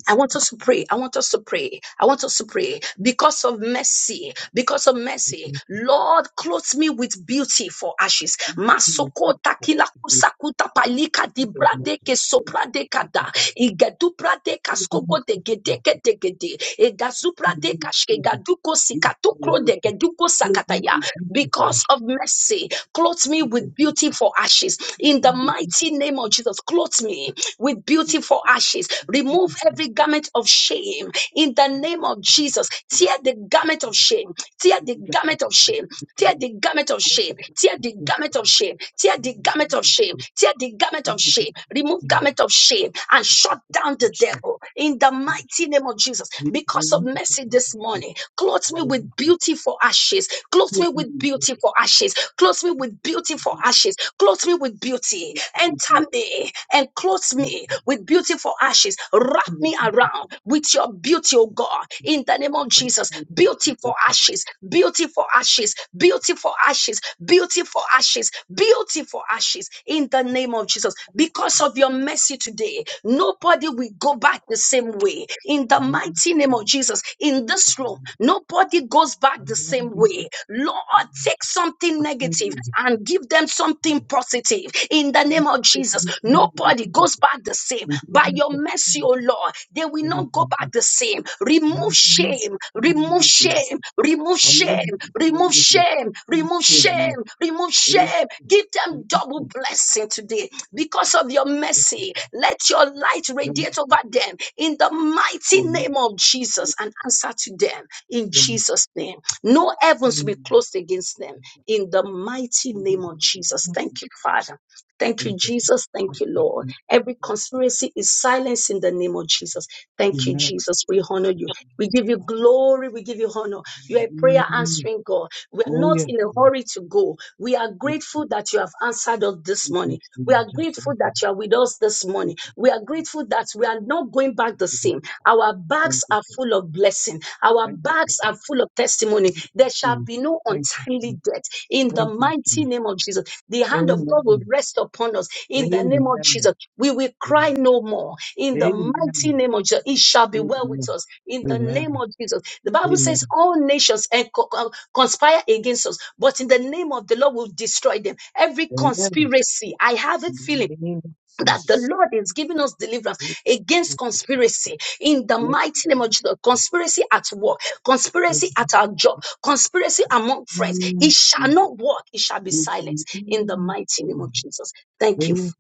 Speaker 1: I want us to pray. I want us to pray. I want us to pray because of mercy. Because of mercy, Lord, clothe me with beauty for ashes. Masoko takila kusakuta palika di brade ke sopra de kada igedu brade kaskogo de
Speaker 3: Thank
Speaker 1: gede ke de gede egazu brade kashke gaduko sikato kro de geduko sakataya. Because of mercy, clothe me with beauty for ashes. In the mighty name of Jesus, clothe me with beauty for ashes ashes. Remove every garment of shame in the name of Jesus. Tear the garment of shame. Tear the garment of shame. Tear the garment of shame. Tear the garment of shame. Tear the garment of shame. Tear the garment of shame. Remove garment of shame and shut down the devil in the mighty name of Jesus. Because of mercy this morning, clothe me with beautiful ashes. Clothe me with beautiful ashes. Clothe me with beautiful ashes. Clothe me with beauty. Enter me and clothe clothe me with beautiful ashes. Wrap me around with your beauty, oh God. In the name of Jesus, beautiful ashes, beautiful ashes, beautiful ashes, beautiful ashes, beautiful ashes. In the name of Jesus, because of your mercy today, nobody will go back the same way. In the mighty name
Speaker 3: you.
Speaker 1: of Jesus, in
Speaker 3: Um,
Speaker 1: this room, nobody goes back
Speaker 3: I
Speaker 1: the
Speaker 3: want
Speaker 1: same
Speaker 3: to put
Speaker 1: way. Lord,
Speaker 3: in to
Speaker 1: take something
Speaker 3: pretend you
Speaker 1: negative
Speaker 3: have
Speaker 1: and give them
Speaker 3: me.
Speaker 1: something positive. In the
Speaker 3: I
Speaker 1: name
Speaker 3: just
Speaker 1: of
Speaker 3: put
Speaker 1: Jesus.
Speaker 3: a
Speaker 1: Jesus,
Speaker 3: little the
Speaker 1: nobody
Speaker 3: people
Speaker 1: goes
Speaker 3: who-
Speaker 1: back the same. By
Speaker 3: didn't
Speaker 1: your
Speaker 3: put
Speaker 1: mercy,
Speaker 3: in
Speaker 1: O
Speaker 3: to
Speaker 1: Lord, they will
Speaker 3: whether
Speaker 1: not go
Speaker 3: they
Speaker 1: back
Speaker 3: did.
Speaker 1: the same.
Speaker 3: I don't know
Speaker 1: Remove shame,
Speaker 3: if I'm
Speaker 1: remove
Speaker 3: looking.
Speaker 1: shame, remove
Speaker 3: I love
Speaker 1: shame,
Speaker 3: you if you're
Speaker 1: remove
Speaker 3: listening.
Speaker 1: shame,
Speaker 3: You
Speaker 1: remove
Speaker 3: care, you know.
Speaker 1: shame, remove
Speaker 3: And if
Speaker 1: shame.
Speaker 3: you- I
Speaker 1: Give
Speaker 3: will
Speaker 1: them double
Speaker 3: explain it
Speaker 1: blessing today
Speaker 3: to you listen, I like to
Speaker 1: because
Speaker 3: get it.
Speaker 1: of your
Speaker 3: And if you
Speaker 1: mercy. Let your light radiate over them in the mighty
Speaker 3: don't, you
Speaker 1: name
Speaker 3: can't
Speaker 1: of
Speaker 3: do
Speaker 1: Jesus
Speaker 3: it.
Speaker 1: and answer to them in
Speaker 3: Mm.
Speaker 1: Jesus' name. No heavens will be
Speaker 3: And
Speaker 1: closed against them in the mighty
Speaker 3: this
Speaker 1: name
Speaker 3: is
Speaker 1: of Jesus.
Speaker 3: not the
Speaker 1: Thank you, Father. Thank you,
Speaker 3: sense of
Speaker 1: Jesus.
Speaker 3: I
Speaker 1: Thank you,
Speaker 3: think
Speaker 1: Lord.
Speaker 3: it's-
Speaker 1: Every
Speaker 3: it's
Speaker 1: conspiracy is silenced in the name of Jesus.
Speaker 3: the
Speaker 1: Thank you,
Speaker 3: narrative.
Speaker 1: Jesus. We honor you. We give you glory. We give you honor. You are a prayer
Speaker 3: Mm.
Speaker 1: answering God. We are
Speaker 3: Oh,
Speaker 1: not in a
Speaker 3: yeah.
Speaker 1: hurry to go. We are grateful that you have answered us this
Speaker 3: We
Speaker 1: morning.
Speaker 3: just we
Speaker 1: We are
Speaker 3: just
Speaker 1: grateful that you are with us this morning. We are grateful that we are not going back the same. Our
Speaker 3: Thank
Speaker 1: bags
Speaker 3: you,
Speaker 1: are
Speaker 3: Jesus.
Speaker 1: full of blessing. Our
Speaker 3: Thank you. Thank you. Lord.
Speaker 1: bags are full of testimony.
Speaker 3: Thank you,
Speaker 1: There shall
Speaker 3: Jesus.
Speaker 1: be no
Speaker 3: Thank you, Jesus. Thank you,
Speaker 1: untimely
Speaker 3: Jesus.
Speaker 1: death in the
Speaker 3: Thank you, Jesus. Thank you,
Speaker 1: mighty
Speaker 3: Jesus.
Speaker 1: name of Jesus. The hand of God will
Speaker 3: Amen.
Speaker 1: rest upon us in the
Speaker 3: Amen.
Speaker 1: name of Jesus.
Speaker 3: Amen.
Speaker 1: We will cry no more in the mighty name of Jesus. It shall
Speaker 3: Amen.
Speaker 1: be well with
Speaker 3: Amen.
Speaker 1: us in the name of Jesus. The
Speaker 3: Amen.
Speaker 1: Bible
Speaker 3: Amen.
Speaker 1: says all nations eh, co- co- conspire against us, but in the name of the Lord will destroy them. Every
Speaker 3: Amen.
Speaker 1: conspiracy, I have a
Speaker 3: In
Speaker 1: feeling
Speaker 3: the name of
Speaker 1: that the
Speaker 3: Jesus.
Speaker 1: Lord is giving us deliverance
Speaker 3: In the
Speaker 1: against
Speaker 3: name of Jesus.
Speaker 1: conspiracy in the
Speaker 3: In
Speaker 1: mighty name of Jesus. Conspiracy at work, conspiracy at our job, conspiracy among friends. It shall not work, it shall be
Speaker 3: the
Speaker 1: silenced in the
Speaker 3: name of
Speaker 1: mighty name
Speaker 3: Jesus.
Speaker 1: of Jesus. Thank you.
Speaker 3: Amen.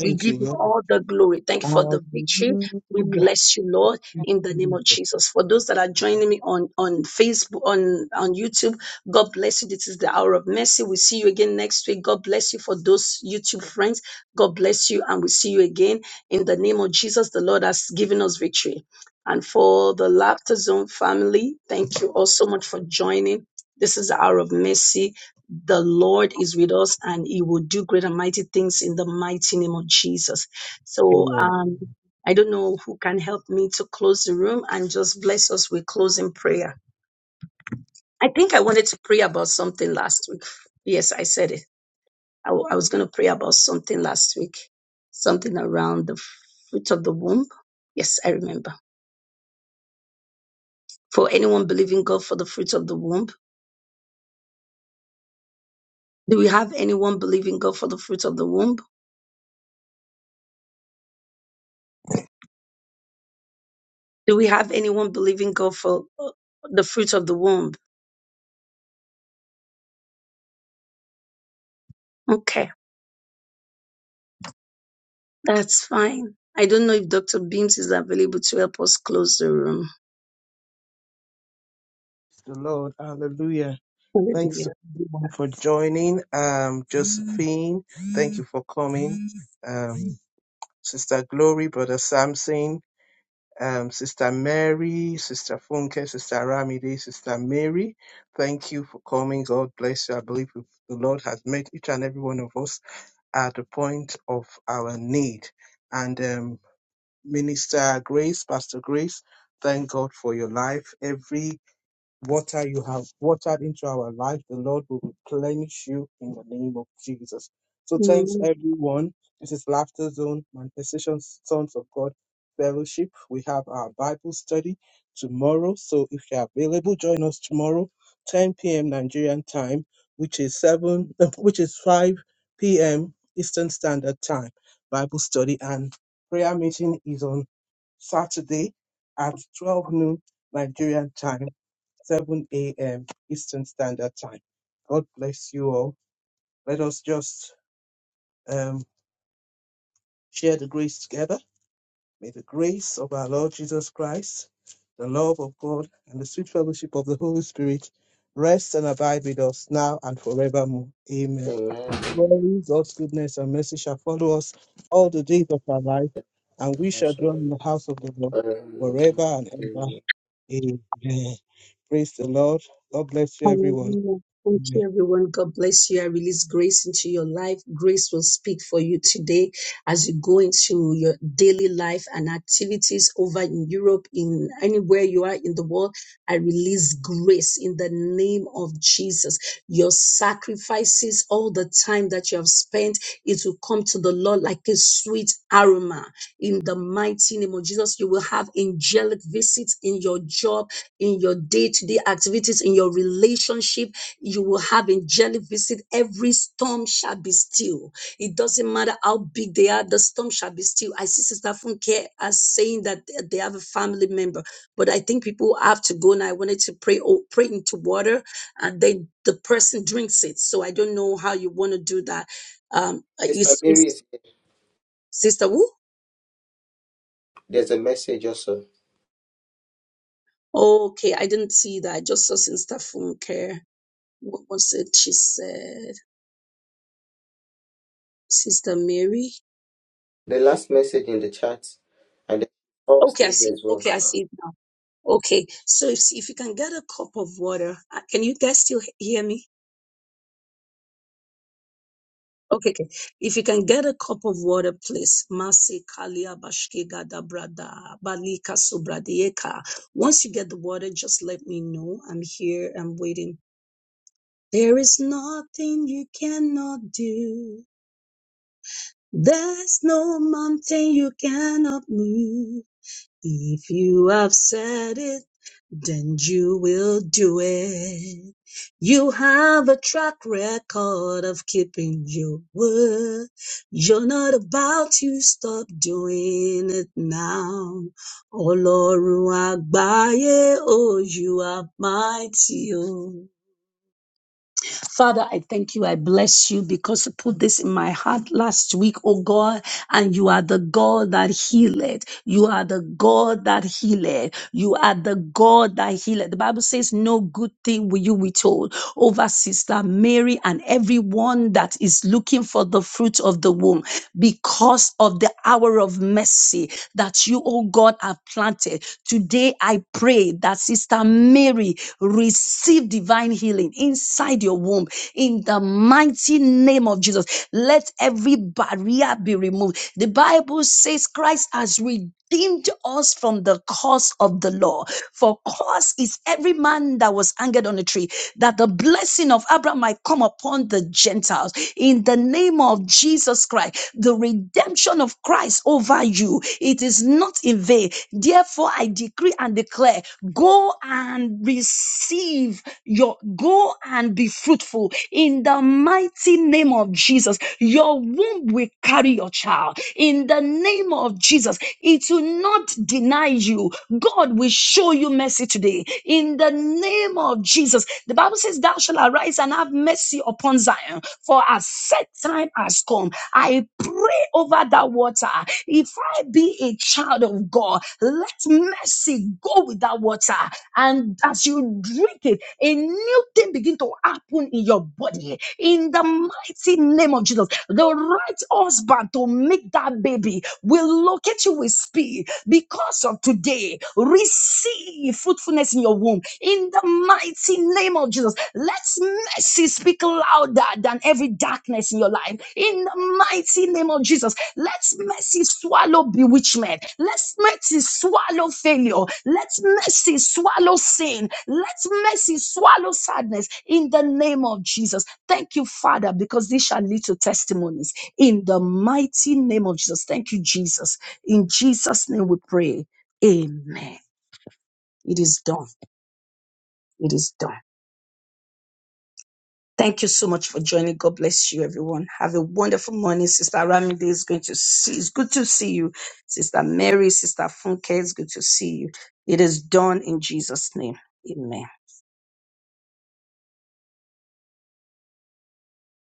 Speaker 1: We give
Speaker 3: you,
Speaker 1: you
Speaker 3: Lord.
Speaker 1: all the glory. Thank you for the victory. We bless you, Lord, in the name of
Speaker 3: Hallelujah.
Speaker 1: Jesus. For those that are joining me on, on Facebook, on, on YouTube, God bless you. This is the hour of mercy. We'll see you again next week. God bless you for those YouTube friends. God bless you, and we'll see you again in the name of Jesus. The Lord has given us victory. And for the Laughter Zone family, thank you all so much for joining. This is the hour of mercy the Lord is with us and he will do great and mighty things in the mighty name of Jesus. So,
Speaker 3: Amen.
Speaker 1: um, I don't know who can help me to close the room and just bless us with closing prayer. I think I wanted to pray about something last week. Yes, I said it. I, w- I was going to pray about something last week, something around the fruit of the womb. Yes, I remember. For anyone believing God for the fruit of the womb, do we have anyone believing God for the fruit of the womb? Do we have anyone believing God for uh, the fruit of the womb? Okay, that's fine. I don't know if Dr. Beams is available to help us close the room.
Speaker 3: Praise The Lord, hallelujah. Thanks to
Speaker 1: Hallelujah.
Speaker 3: everyone for joining. Um, Josephine, thank you for coming. Um, Sister Glory, Brother Samson, um, Sister Mary, Sister Funke, Sister Ramide, Sister Mary, thank you for coming. God bless you. I believe the Lord has met each and every one of us at the point of our need. And um, Minister Grace, Pastor Grace, thank God for your life. Every water you have watered into our life, the Lord will replenish you in the name of Jesus. So thanks everyone. This is Laughter Zone Manifestation Sons of God Fellowship. We have our Bible study tomorrow. So if you're available, join us tomorrow, 10 p.m. Nigerian time, which is seven, uh, which is 5 p.m. Eastern Standard Time. Bible study and prayer meeting is on Saturday at 12 noon Nigerian time 7 a.m. Eastern Standard Time. God bless you all. Let us just um, share the grace together. May the grace of our Lord Jesus Christ, the love of God, and the sweet fellowship of the Holy Spirit rest and abide with us now and forevermore. Amen.
Speaker 2: Amen.
Speaker 3: Surely God's goodness and mercy shall follow us all the days of our life, and we
Speaker 2: I
Speaker 3: shall dwell in the house of the Lord forever and ever.
Speaker 2: Amen.
Speaker 3: Amen. Praise the Lord. God bless you, everyone.
Speaker 1: Hallelujah. Thank
Speaker 3: Amen.
Speaker 1: you, everyone. God bless you. I release grace into your life. Grace will speak for you today as you go into your daily life and activities over in Europe, in anywhere you are in the world. I release grace in the name of Jesus. Your sacrifices, all the time that you have spent, it will come to the Lord like a sweet aroma. In the mighty name of Jesus, you will have angelic visits in your job in your day-to-day activities, in your relationship. You will have angelic visit. Every storm shall be still. It doesn't matter how big they are, the storm shall be still. I see Sister Funke as saying that they have a family member, but I think people have to go now. I wanted to pray oh, pray into water and then the person drinks it. So I don't know how you want to do that. Um uh,
Speaker 2: Sister
Speaker 1: is
Speaker 2: Mary
Speaker 1: is
Speaker 2: is here.
Speaker 1: Sister Wu?
Speaker 2: There's a message also.
Speaker 1: Okay, I didn't see that. I just saw Sister Funke. What was it she said? Sister Mary.
Speaker 2: The last message in the chat and the
Speaker 1: Okay, I
Speaker 2: upstage
Speaker 1: see.
Speaker 2: as well.
Speaker 1: Okay, I see it now. Okay, so if, if you can get a cup of water, uh, can you guys still he- hear me? Okay, okay. If you can get a cup of water, please. Masi kalia bashkega da brada balika sobradieka. Once you get the water, just let me know. I'm here. I'm waiting. There is nothing you cannot do. There's no mountain you cannot move. If you have said it, then you will do it. You have a track record of keeping your word. You're not about to stop doing it now. Olorun agbaye, oh, you are mighty, oh. Father, I thank you. I bless you because you put this in my heart last week, oh God, and you are the God that healed. You are the God that healed. You are the God that healed. The Bible says, No good thing will you withhold over Sister Mary and everyone that is looking for the fruit of the womb because of the hour of mercy that you, oh God, have planted. Today, I pray that Sister Mary receive divine healing inside your womb in the mighty name of Jesus. Let every barrier be removed. The Bible says Christ has redeemed. redeemed us from the curse of the law. For curse is every man that was hanged on a tree, that the blessing of of Abraham might come upon the Gentiles. In the name of Jesus Christ, the redemption of Christ over you, it is not in vain. Therefore, I decree and declare, go and receive your, go and be fruitful. In the mighty name of Jesus, your womb will carry your child. In the name of Jesus, it will not deny you. God will show you mercy today. In the name of Jesus, the Bible says, Thou shalt arise and have mercy upon Zion, for a set time has come. I pray over that water. If I be a child of God, let mercy go with that water. And as you drink it, a new thing begin to happen in your body. In the mighty name of Jesus, the right husband to make that baby will locate you with speed because of today. Receive fruitfulness in your womb. In the mighty name of Jesus, let's mercy speak louder than every darkness in your life. In the mighty name of Jesus. Let mercy swallow bewitchment. Let mercy swallow failure. Let mercy swallow sin. Let mercy swallow sadness in the name of Jesus. Thank you, Father, because this shall lead to testimonies in the mighty name of Jesus. Thank you, Jesus. In Jesus' name we pray. Amen. It is done. It is done. Thank you so much for joining. God bless you, everyone. Have a wonderful morning. Sister Ramide is going to see. It's good to see you. Sister Mary, Sister Funke, it's good to see you. It is done in Jesus' name. Amen.